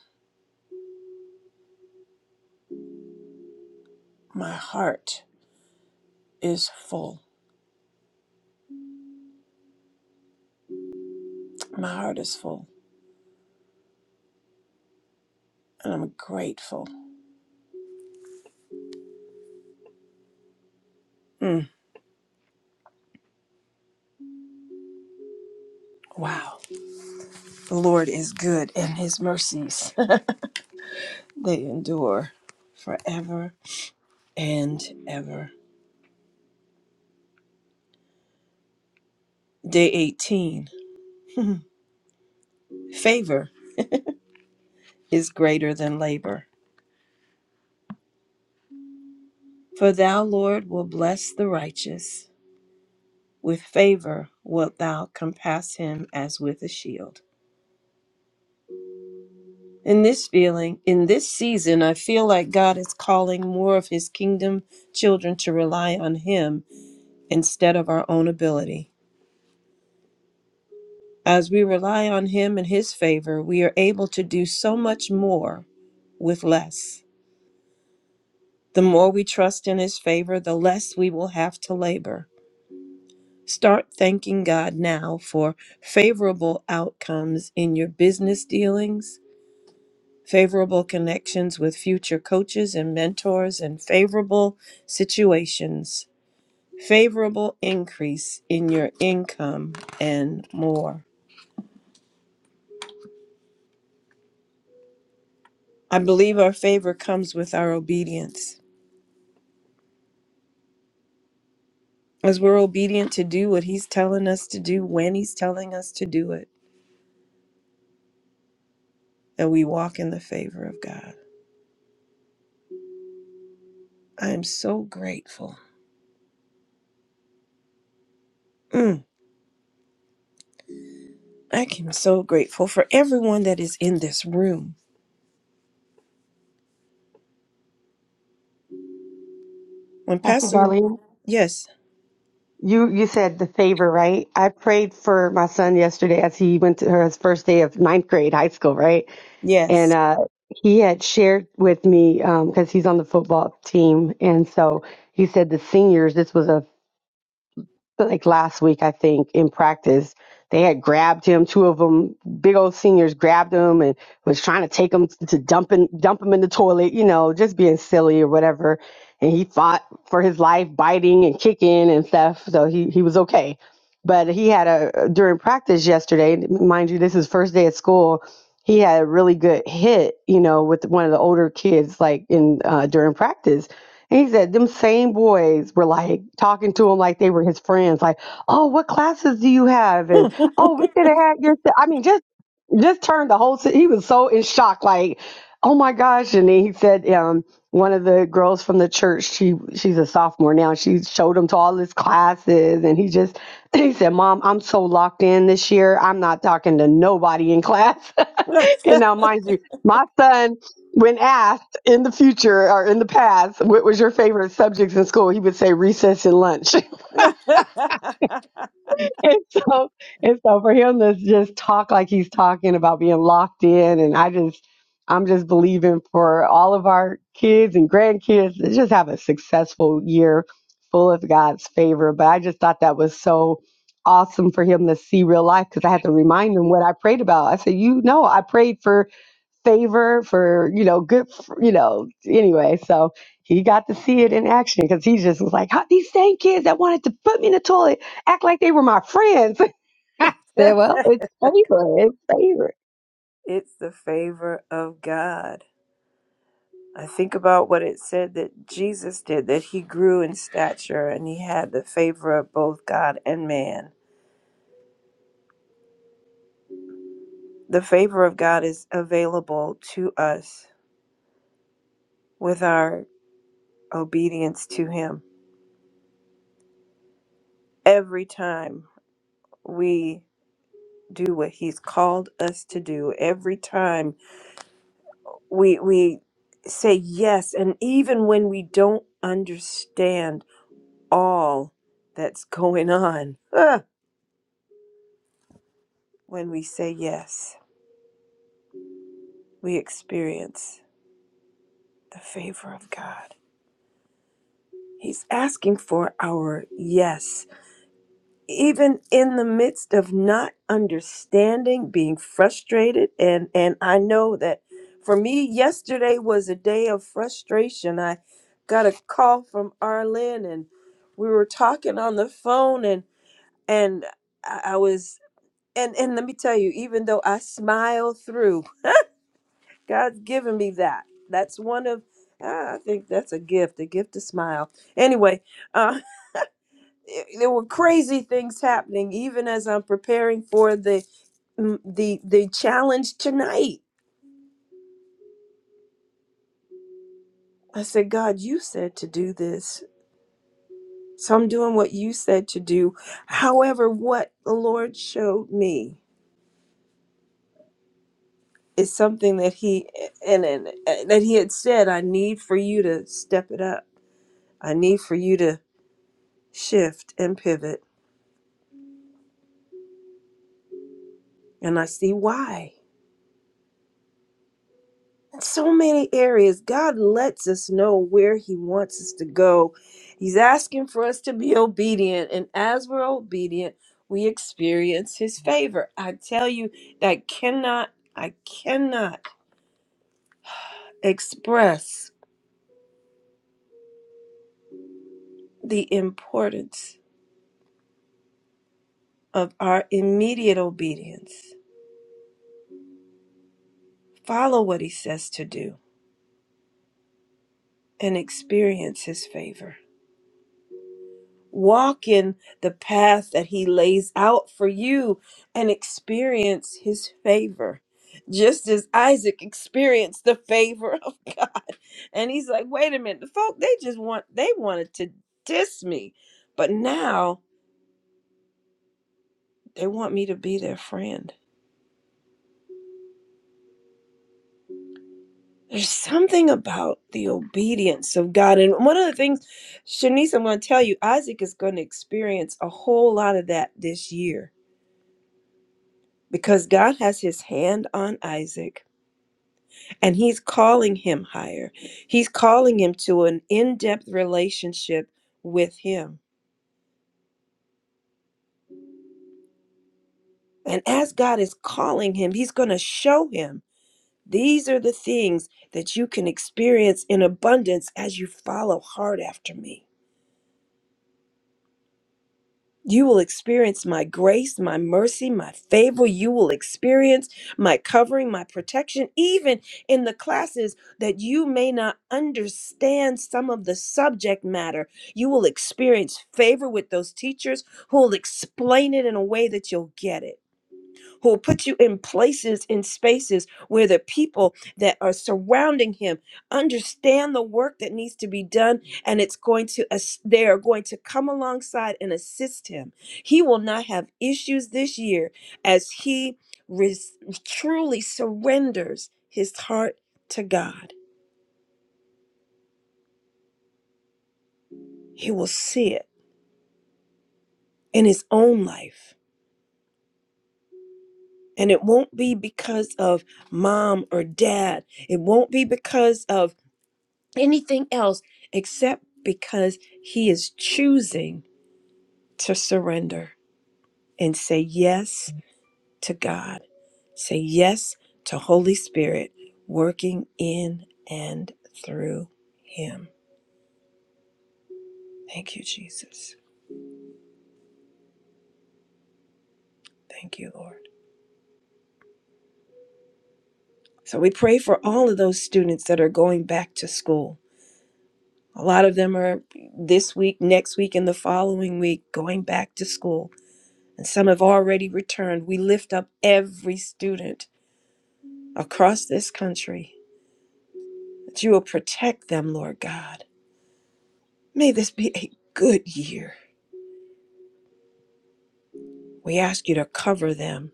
my heart is full. My heart is full, and I'm grateful. Mm, wow. The Lord is good, and His mercies, they endure forever and ever. Day 18. Favor. is greater than labor. For thou, Lord, will bless the righteous. With favor wilt thou compass him as with a shield. In this feeling, in this season, I feel like God is calling more of his kingdom children to rely on him instead of our own ability. As we rely on him and his favor, we are able to do so much more with less. The more we trust in his favor, the less we will have to labor. Start thanking God now for favorable outcomes in your business dealings, favorable connections with future coaches and mentors, and favorable situations, favorable increase in your income, and more. I believe our favor comes with our obedience. As we're obedient to do what He's telling us to do when He's telling us to do it, and we walk in the favor of God. I am so grateful. Mm. I am so grateful for everyone that is in this room. When Pastor Pastor, Darlene. yes, You you said the favor, right? I prayed for my son yesterday as he went to his first day of ninth grade high school, right? And Yes. uh, he had shared with me because he's on the football team, and so he said the seniors. This was a like last week, I think, in practice, they had grabbed him. Two of them, big old seniors, grabbed him and was trying to take him to dump him, dump him in the toilet. You know, just being silly or whatever. And he fought for his life, biting and kicking and stuff. So he he was okay. But he had a during practice yesterday, mind you, this is first day at school he had a really good hit, you know, with one of the older kids, like in uh, during practice. And he said them same boys were like talking to him like they were his friends, like, "Oh, what classes do you have?" And "Oh, we could have had your." th-" I mean, just just turned the whole. si- He was so in shock, like, "Oh my gosh!" And then he said, um, one of the girls from the church, she she's a sophomore now. She showed him to all his classes, and he just he said, "Mom, I'm so locked in this year. I'm not talking to nobody in class." And now, mind you, my son, when asked in the future or in the past, what was your favorite subjects in school, he would say recess and lunch. and so, and so for him to just talk like he's talking about being locked in, and I just, I'm just believing for all of our kids and grandkids to just have a successful year full of God's favor. But I just thought that was so awesome for him to see real life because I had to remind him what I prayed about. I said, you know, I prayed for favor for you know good for, you know anyway so he got to see it in action because he just was like "How- these same kids that wanted to put me in the toilet act like they were my friends I said well it's favor it's favor it's the favor of God. I think about what it said that Jesus did, that he grew in stature and he had the favor of both God and man. The favor of God is available to us with our obedience to him. Every time we do what he's called us to do, every time we we say yes and even when we don't understand all that's going on ah, when we say yes we experience the favor of god he's asking for our yes even in the midst of not understanding, being frustrated, and and I know that for me, yesterday was a day of frustration. I got a call from Arlen, and we were talking on the phone, and and I, I was and and let me tell you, even though I smile through, God's given me that. That's one of ah, I think that's a gift, a gift to smile. Anyway, uh, it- there were crazy things happening even as I'm preparing for the mm, the the challenge tonight. I said, God, you said to do this. So I'm doing what you said to do. However, what the Lord showed me is something that he and, and and uh, that he had said, I need for you to step it up. I need for you to shift and pivot. And I see why. in so many areas god lets us know where he wants us to go he's asking for us to be obedient and as we're obedient we experience his favor i tell you that cannot i cannot express the importance of our immediate obedience follow what he says to do and experience his favor Walk in the path that He lays out for you and experience His favor, just as Isaac experienced the favor of God. And he's like, wait a minute, the folk, they just want, they wanted to diss me, but now they want me to be their friend. There's something about the obedience of God. And one of the things, Shanice, I'm going to tell you, Isaac is going to experience a whole lot of that this year because God has his hand on Isaac And he's calling him higher. He's calling him to an in depth relationship with him. And as God is calling him, he's going to show him these are the things that you can experience in abundance as you follow hard after me. You will experience my grace, my mercy, my favor. You will experience my covering, my protection, even in the classes that you may not understand some of the subject matter. You will experience favor with those teachers who will explain it in a way that you'll get it who will put you in places in spaces where the people that are surrounding him understand the work that needs to be done and it's going to as- they are going to come alongside and assist him he will not have issues this year as he res- truly surrenders his heart to god he will see it in his own life and it won't be because of mom or dad. It won't be because of anything else except because he is choosing to surrender and say yes to God, say yes to Holy Spirit working in and through him. Thank you, Jesus. Thank you, Lord. So we pray for all of those students that are going back to school. A lot of them are this week, next week, and the following week going back to school. And some have already returned. We lift up every student across this country, that you will protect them, Lord God. May this be a good year. We ask you to cover them.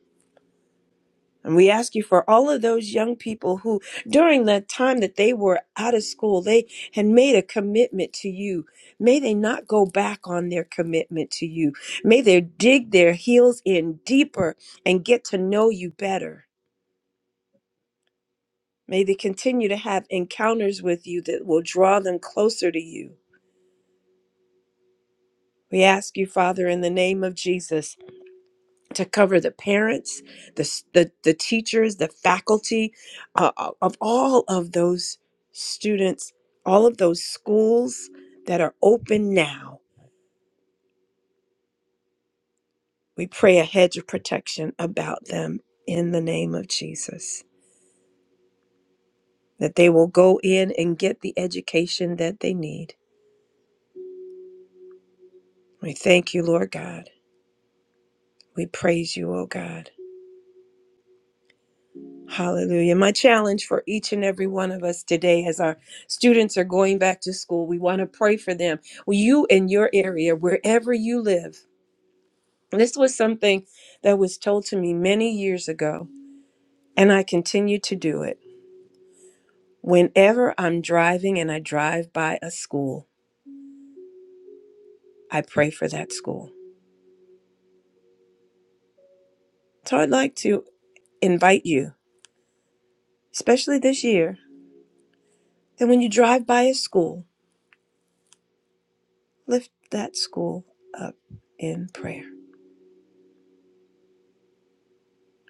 And we ask you for all of those young people who, during the time that they were out of school, they had made a commitment to you. May they not go back on their commitment to you. May they dig their heels in deeper and get to know you better. May they continue to have encounters with you that will draw them closer to you. We ask you, Father, in the name of Jesus, to cover the parents, the, s- the, the teachers, the faculty uh, uh, of all of those students, all of those schools that are open now. We pray a hedge of protection about them in the name of Jesus, that they will go in and get the education that they need. We thank you, Lord God. We praise you, O God. Hallelujah. My challenge for each and every one of us today as our students are going back to school, we want to pray for them. Well, you in your area, wherever you live. This was something that was told to me many years ago, and I continue to do it. Whenever I'm driving and I drive by a school, I pray for that school. So I'd like to invite you, especially this year, that when you drive by a school, lift that school up in prayer.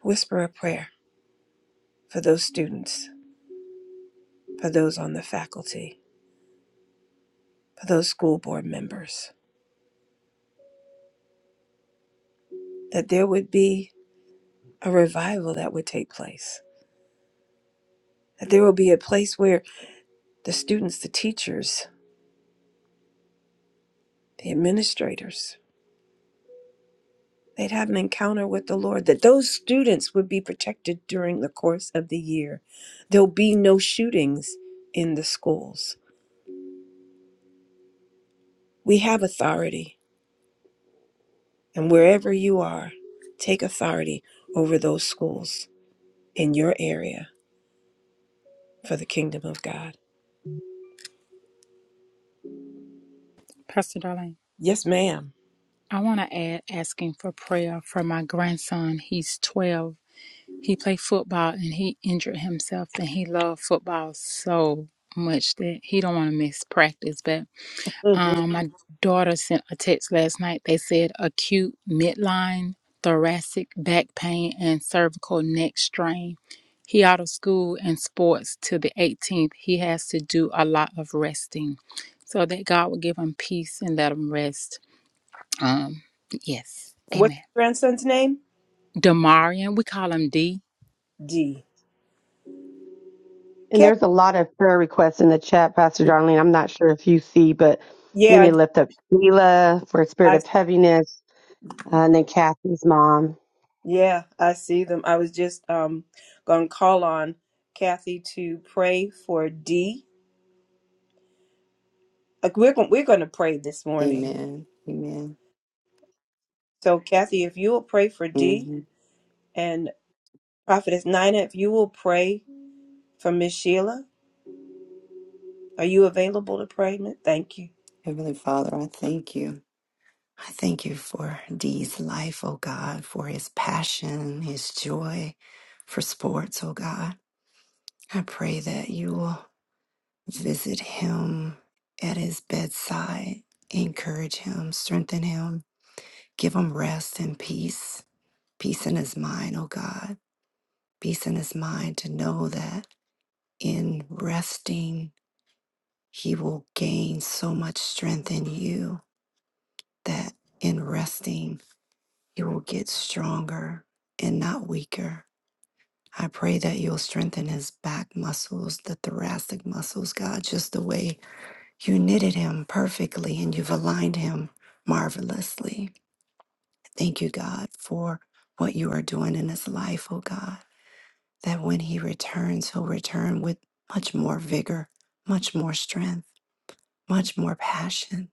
Whisper a prayer for those students, for those on the faculty, for those school board members, that there would be a revival that would take place, that there would be a place where the students, the teachers, the administrators, they'd have an encounter with the Lord, that those students would be protected during the course of the year. There'll be no shootings in the schools. We have authority, and wherever you are, take authority over those schools in your area for the kingdom of God. Pastor Darlene. Yes, ma'am. I want to add asking for prayer for my grandson. He's 12. He played football and he injured himself and he loved football so much that he don't want to miss practice. But Mm-hmm. um, my daughter sent a text last night. They said acute midline, thoracic back pain, and cervical neck strain. He out of school and sports till the 18th. He has to do a lot of resting. So that God will give him peace and let him rest. Um, yes, What's amen. your grandson's name? Damarian, we call him D. D. and Kev. there's a lot of prayer requests in the chat pastor darlene i'm not sure if you see but we Yeah, I, need to do. lift up sheila for a spirit I of heaviness uh, and then kathy's mom yeah, I see them. I was just um gonna call on Kathy to pray for D. Like we're going we're gonna pray this morning. Amen. Amen. So Kathy, if you will pray for D hmm and Prophetess Nina, if you will pray for Miss Sheila, are you available to pray? ma- Thank you. Heavenly Father, I thank you. I thank you for Dee's life, oh God, for his passion, his joy for sports, oh God. I pray that you will visit him at his bedside, encourage him, strengthen him, give him rest and peace, peace in his mind, oh God, peace in his mind to know that in resting, he will gain so much strength in you that in resting, He will get stronger and not weaker. I pray that you'll strengthen his back muscles, the thoracic muscles, God, just the way you knitted him perfectly and you've aligned him marvelously. Thank you, God, for what you are doing in his life, oh God, that when he returns, he'll return with much more vigor, much more strength, much more passion,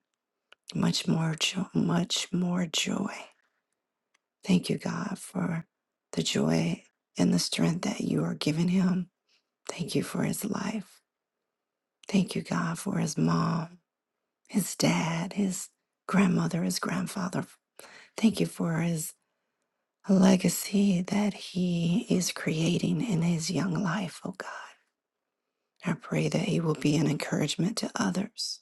much more joy, much more joy. Thank you, God, for the joy and the strength that you are giving him. Thank you for his life. Thank you, God, for his mom, his dad, his grandmother, his grandfather. Thank you for his legacy that he is creating in his young life, oh God. I pray that he will be an encouragement to others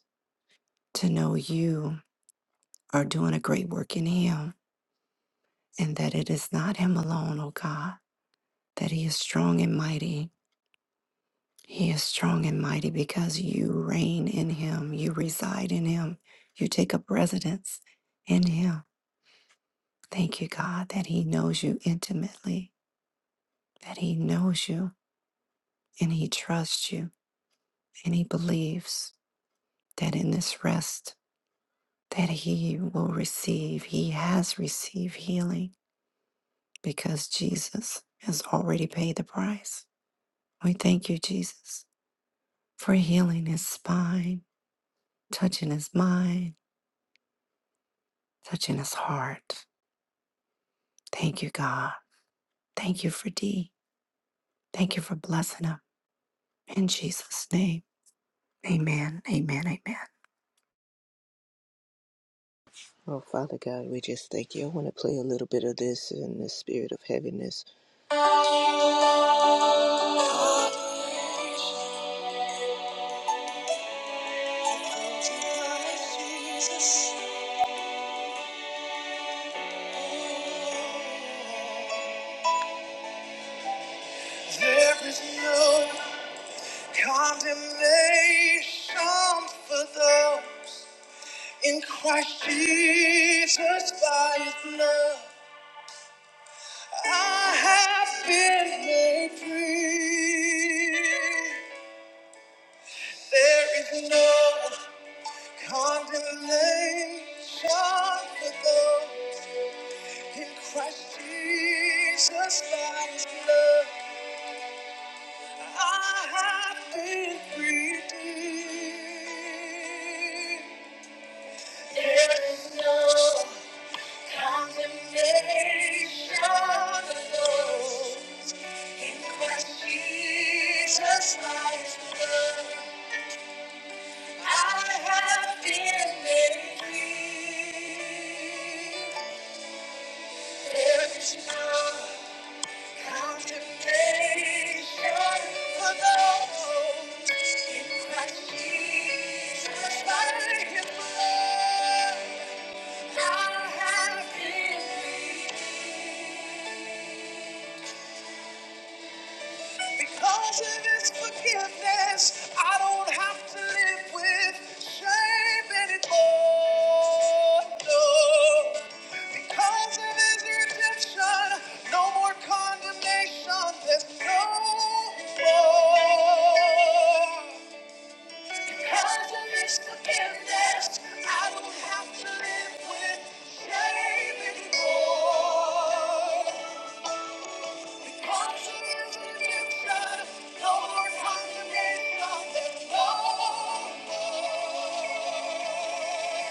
to know you are doing a great work in him and that it is not him alone, oh God, that he is strong and mighty He is strong and mighty because you reign in him, you reside in him, you take up residence in him. Thank you, God, that he knows you intimately, that he knows you and he trusts you and he believes that in this rest that he will receive, he has received healing because Jesus has already paid the price. We thank you, Jesus, for healing his spine, touching his mind, touching his heart Thank you, God. Thank you for D. Thank you for blessing him. In Jesus' name. Amen. Amen. Amen. Oh, Father God, we just thank you. I want to play a little bit of this in the spirit of heaviness. There is no condemnation for those in Christ Jesus by his love. I have been made free. There is no condemnation for those in Christ Jesus. By His blood, I have been redeemed. There is no condemnation for those in Christ Jesus. By His blood. I Thank you. Because of his forgiveness, I don't have to live with shame anymore. No. Because of his redemption, no more condemnation. There's no more. Because of his forgiveness, I don't have to live with shame anymore. Because of his redemption, no more condemnation, there's no more.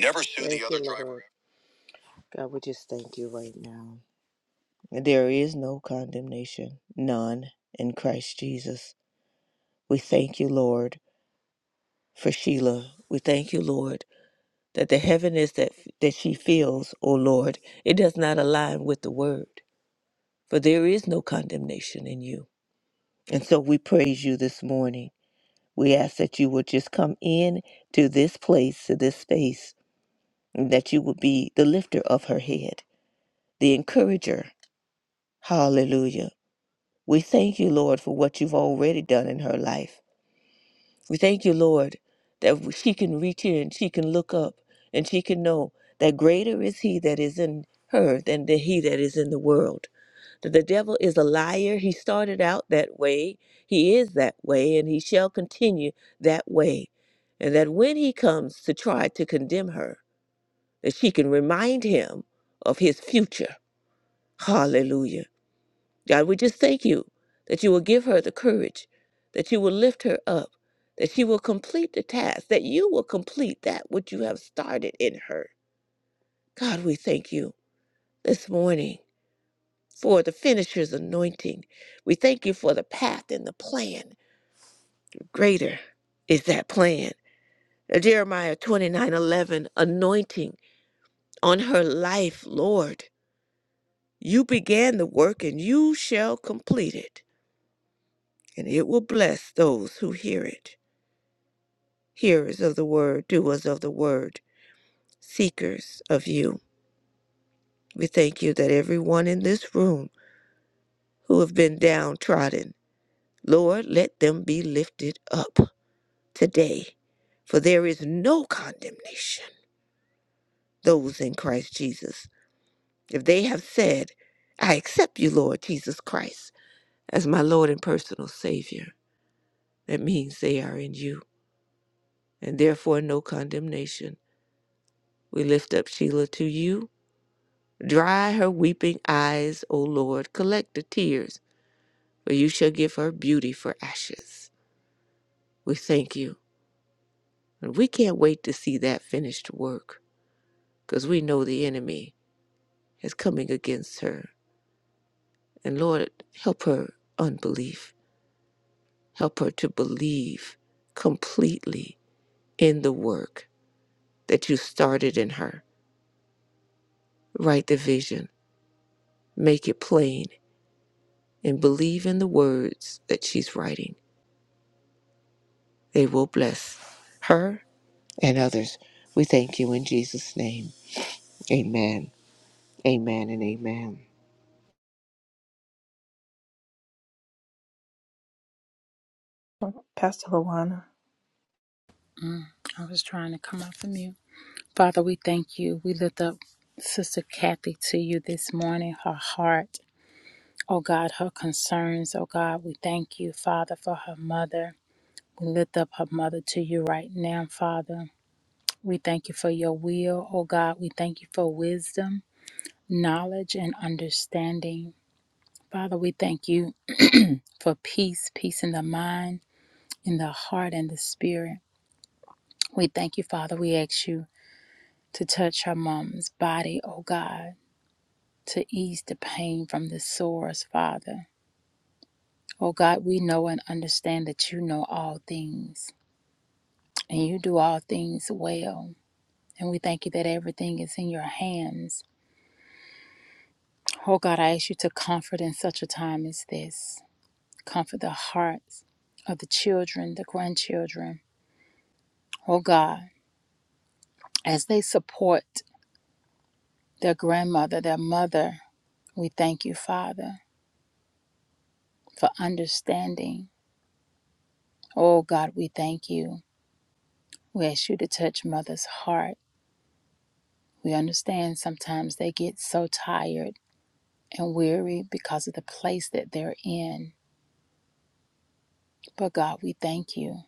Never sue the Thank other you, driver. Lord. God, we just thank you right now. There is no condemnation, none in Christ Jesus. We thank you, Lord, for Sheila. We thank you, Lord. that the heaviness that that she feels, O Lord, it does not align with the word. For there is no condemnation in you. And so we praise you this morning. We ask that you would just come in to this place, to this space, and that you would be the lifter of her head, the encourager. Hallelujah. We thank you, Lord, for what you've already done in her life. We thank you, Lord, that she can reach here and she can look up and she can know that greater is He that is in her than the He that is in the world. That the devil is a liar. He started out that way, he is that way, and he shall continue that way. And that when he comes to try to condemn her, that she can remind him of his future. Hallelujah God, we just thank you that you will give her the courage, that you will lift her up, that she will complete the task, that you will complete that which you have started in her. God, we thank you this morning for the finisher's anointing. We thank you for the path and the plan. Greater is that plan. The Jeremiah 29 11, anointing on her life, Lord. You began the work and you shall complete it, and it will bless those who hear it. hearers of the word, doers of the word, seekers of you. We thank you that everyone in this room who have been downtrodden, Lord, let them be lifted up today, for there is no condemnation. Those in Christ Jesus, if they have said, I accept you, Lord Jesus Christ, as my Lord and personal Savior, that means they are in you, and therefore no condemnation. We lift up Sheila to you Dry her weeping eyes, O Lord. Collect the tears, for you shall give her beauty for ashes. We thank you. And we can't wait to see that finished work, because we know the enemy is coming against her. And Lord, help her unbelief. Help her to believe completely in the work that you started in her. Write the vision, make it plain, and believe in the words that she's writing. They will bless her and others. We thank you in Jesus' name. Amen. Amen and amen. Pastor Luana, Mm, I was trying to come off the mute. Father, we thank you. We lift up Sister Kathy to you this morning, her heart, oh God, her concerns, oh God. We thank you, Father, for her mother. We lift up her mother to you right now, Father. We thank you for your will, oh God. We thank you for wisdom, knowledge, and understanding. Father, we thank you for peace, peace in the mind in the heart and the spirit. We thank you, Father. We ask you to touch her mom's body, oh God, to ease the pain from the sores, Father. Oh God, we know and understand that you know all things and you do all things well. And we thank you that everything is in your hands. Oh God, I ask you to comfort in such a time as this. Comfort the hearts of the children, the grandchildren. Oh God, as they support their grandmother, their mother, We thank you, Father, for understanding. Oh God, we thank you. We ask you to touch mother's heart. We understand sometimes they get so tired and weary because of the place that they're in. But God, we thank you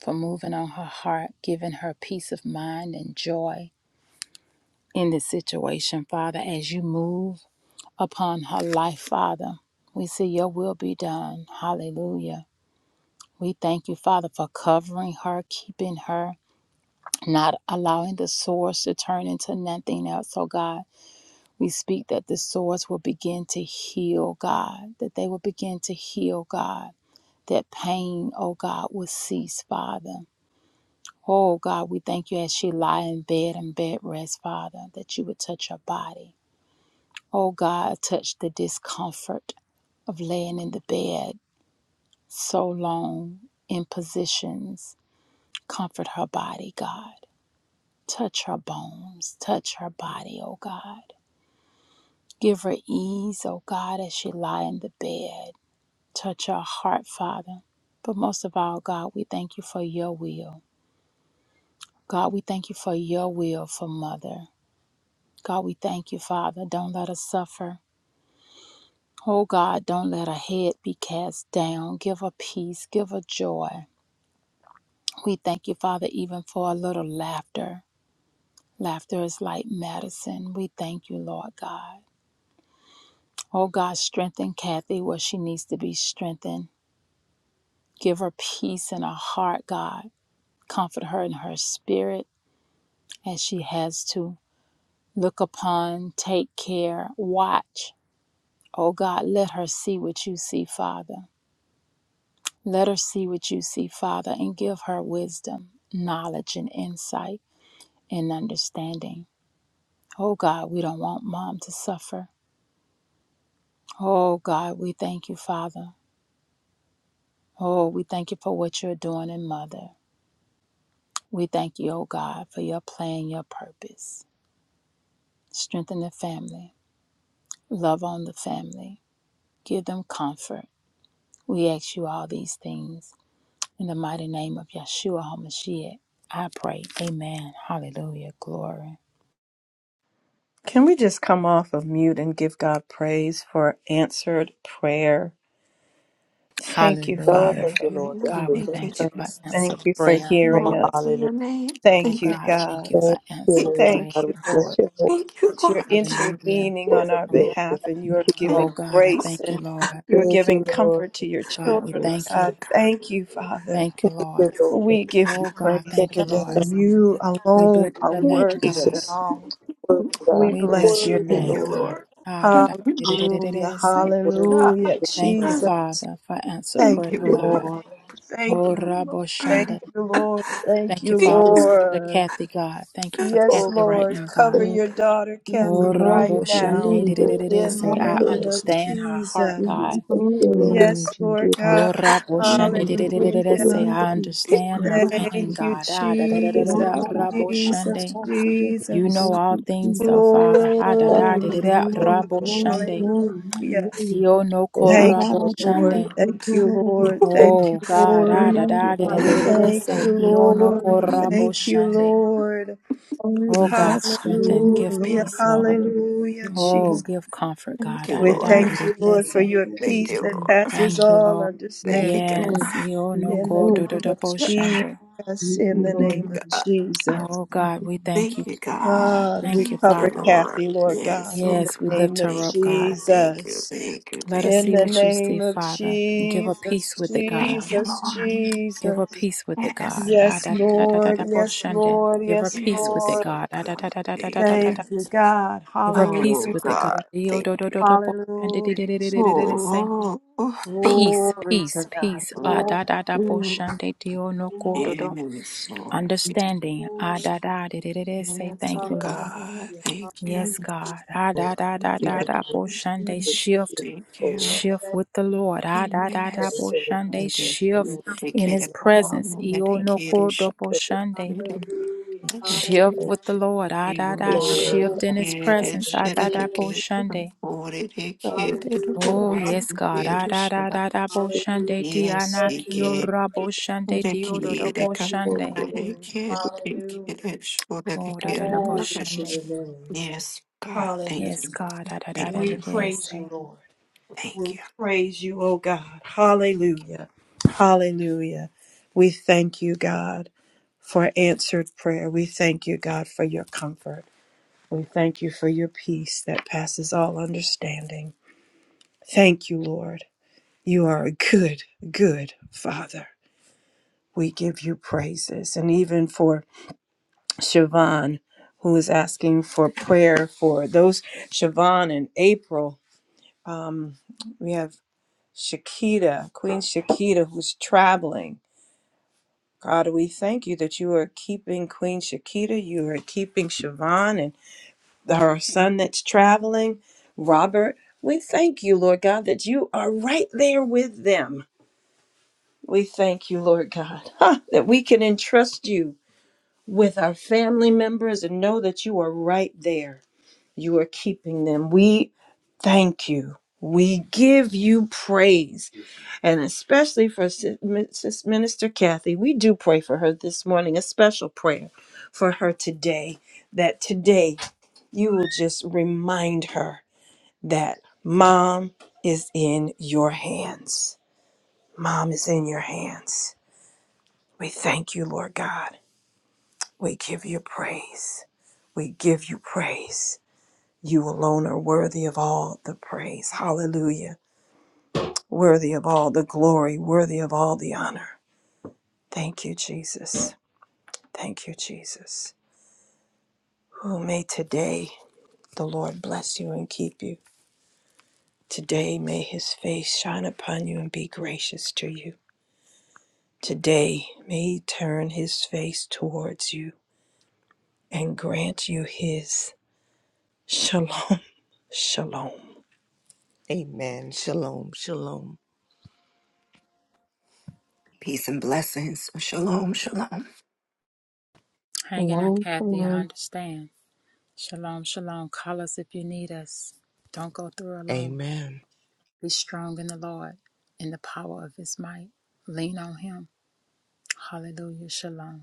for moving on her heart, giving her peace of mind and joy in this situation, Father, as you move upon her life, Father. We see your will be done. Hallelujah. We thank you, Father, for covering her, keeping her, not allowing the sores to turn into nothing else, oh God. We speak that the sores will begin to heal, God, that they will begin to heal, God, that pain, oh God, will cease, Father. Oh God, we thank you as she lie in bed and bed rest, Father, that you would touch her body. Oh God, touch the discomfort of laying in the bed so long in positions. Comfort her body, God. Touch her bones. Touch her body, oh God. Give her ease, O God, as she lie in the bed. Touch her heart, Father. But most of all, God, we thank you for your will. God, we thank you for your will for Mother. God, we thank you, Father. Don't let her suffer. Oh God, don't let her head be cast down. Give her peace. Give her joy. We thank you, Father, even for a little laughter. Laughter is like medicine. We thank you, Lord God. Oh God, strengthen Kathy where she needs to be strengthened. Give her peace in her heart, God. Comfort her in her spirit as she has to. Look upon, take care, watch. Oh God, let her see what you see, Father. Let her see what you see, Father, and give her wisdom, knowledge, and insight and understanding. Oh God, we don't want mom to suffer. Oh God, we thank you, Father. Oh, we thank you for what you're doing in mother. We thank you, oh God, for your plan, your purpose. Strengthen the family. Love on the family. Give them comfort. We ask you all these things. In the mighty name of Yeshua HaMashiach, I pray. Amen. Hallelujah. Glory. can we just come off of mute and give God praise for answered prayer? Thank you, Oh, Father, Hallelujah. thank for you, Lord Hallelujah. God. answering God, We we Thank thank our you, thank you prayer. for Jesus. Thank answer you for prayer. you. Oh, hearing Glory us. to hallelujah. your name. Oh Thank Thank you, you. God, thank God. you for Thank you, answer Thank Lord you, prayer. Thank God. We you, bless Lord, your holy thank you that you're Lord. Hallelujah. intervening on Oh, our glory. behalf and you're Thank you, God. giving Oh Thank you, God, I Lord. grace thank you, and Lord. you're Thank giving you, Lord. comfort to your God, we children, oh thank Yes. God. you. Thank you, Father. Thank you, Thank Lord. you, Lord. We give Oh you God, praise Thank thank you, you, today. Lord. God. You We bless alone your are Oh, name, worthy of God. it Jesus. all. Worthy We God. We bless bless your your Worthy, Thank name. name, you, Lord. God. Lord. Ah, da, Thank da, da, you. da, da, da, Hallelujah. da, da. Thank Worthy, Lord. God. Hallelujah. Thank you, Thank Jesus. Father, for answer Thank Thank prayer, you, you, you, God. Lord. Lord. Thank Oh, you, Lord. Rabo Thank Shande. you, Lord. Thank Thank you you, for Thank our sister Lord. Kathy, God. Thank you for Yes, Oh, Kathy right Lord. now, Cover God. your daughter, Mm, Kathy, Oh, glory right Rabo to now. Shande. you, thank Lord. dididididi, In the Say, I I thank name of you. understand her heart, Jesus. We give God. you glory and Yes, honor, Lord you, God. Oh, Rabo Shande. Mm, we can use didididididi, the Hallelujah. Say, name of I Jesus. The understand Lord her of hosts pain, is Thank you, here. God. Ah, da, da, da, da, da, Lord, Jesus, da, I love us. Rabo I Jesus, Shande. love us. I bless you. You We Jesus. know Thank all you, things, though, Jesus. Father. Ah, da, We Father. da, give da, you Glory da, to da, glory, God. Rabo Thank you, Lord. glory, Shande. glory. Hallelujah. Hallelujah. Yo no Thank ko Da, you. da, Thank Rabo da, you, da, da, da, Lord. Shande. da, Thank da, you, da, da, Lord. da, da. Thank you, Oh God, We ah Lord. da da da magnify da da your da da name, O Thank say you, God. We magnify you, Iono Lord. glorify you. korabo Thank you, shande. Lord. Glory, Oh we God, bless Thank you. you, the strengthen, name of give the Hallelujah, Lord. peace, Da, da, Lord. da, da, da, hallelujah, da, Oh, da. Jesus. give comfort, Thank God. you, Ah We da Lord. da da da Mm, thank da da, you, da, da, Lord, for da, say. your da, da, Thank peace you, da, da, that Lord. da. passes Thank you, all Lord. Thank you, Yes, understanding. Lord. God. Yes, Mm, mm. Thank Iono you, In the ko do glory. do name do of bo shande. Jesus, We in see, the Thank you, Lord. name of God. Jesus. Oh God, we thank Thank you, you, God. God, we thank you, Thank you, cover Father. Lord. Kathy, Lord God, Yes, in oh the Yes, we God. name lift of her Thank up, God. you. Thank you. Jesus. Thank you. Let us Thank In you. see the Thank you. what you see, name of Father. Give her Jesus, peace with it, God. Thank you, Jesus, Lord. Give Jesus. her peace with it, Yes, God. Ah, Lord. Yes, da, da, da, da, da, Lord, da, bo- yes, shende. Lord, Give her yes, peace with Yes, it, Lord. oh God. Ah, da, da, God. da, da, da, da, Thank da, da, Thank da. you. you, God. Give her Hallelujah. peace Oh with it, God. God. Dio, Thank do, do, you. do, do, bo- shende, di, di, Hallelujah. di, di, di, di, Jesus. di, di, Say, Oh, oh, oh, peace, Glory to peace, God. peace. Ah, oh. da, Glory, da, da, bo- Mm. shende, dio, no, ko, glory, do, do. Yes, Lord. Understanding. Ah, glory. da, da, di, di, di, di. Say, Yes, oh thank you, Lord. God. Hallelujah. Thank you. Hallelujah. Yes, God. Ah, da, da, Thank da, you, da, you. Thank Lord. da, Bo you, Boshande, Jesus. Thank shift. Thank you. Shift Thank with the Lord. Ah, da, da, da, bo Yes. Boshande, Thank you, you. Lord. Thank you shift you, Thank in you. Thank his Lord. for the glory. presence. you. Io Thank no you. ko do bo Boshande. Hallelujah. Shift with the Hallelujah. Lord. Ah, da, da, Glory, Glory, shift in God. his God, presence. we Ah, do da, da, glory. bo Boshande. God, we thank Oh, Hallelujah. yes, God. Ah, da, da, da, da, bo Hallelujah. shande, di, God Yes, they Blessed anaki, for yo, be, your can. ra bo Kiora, Boshande, They Diodo, do, can. do, They bo blessed come. whole be. Boshande. They glory. can. They Hallelujah. can. Sure, they Oh, da, da, can. da, Glory to Boshande. your name. Yes, God, thank Hallelujah. Yes, you. God. Ah, da, da, Thank da, da, We da, you. da, praise say. you, Lord. Thank We you. praise you, oh God. Hallelujah. Hallelujah. We thank you, God, for answered prayer. We thank you, God, for your comfort. We thank you for your peace that passes all understanding. Thank you, Lord. You are a good, good Father. We give you praises. And even for Siobhan, who is asking for prayer for those, Siobhan and April, um, we have. Shakita, Queen Shakita, who's traveling. God, we thank you that you are keeping Queen Shakita, you are keeping Siobhan and her son that's traveling, Robert. We thank you, Lord God, that you are right there with them. We thank you, Lord God, ha, that we can entrust you with our family members and know that you are right there. You are keeping them. We thank you. We give you praise. And especially for Sis Sis Minister Kathy, we do pray for her this morning, a special prayer for her today, that today you will just remind her that mom is in your hands. Mom is in your hands. We thank you, Lord God. We give you praise. We give you praise. You alone are worthy of all the praise. Hallelujah. Worthy of all the glory, worthy of all the honor. Thank you, Jesus. Thank you, Jesus. Who may today the Lord bless you and keep you. Today may his face shine upon you and be gracious to you. Today may he turn his face towards you and grant you his shalom. Shalom. Amen. Shalom. Shalom. Peace and blessings. Shalom, shalom. Hanging on Shalom, Kathy, shalom. I understand. Shalom, shalom. Call us if you need us. Don't go through alone. Amen. Be strong in the Lord, in the power of his might. Lean on him. Hallelujah. Shalom.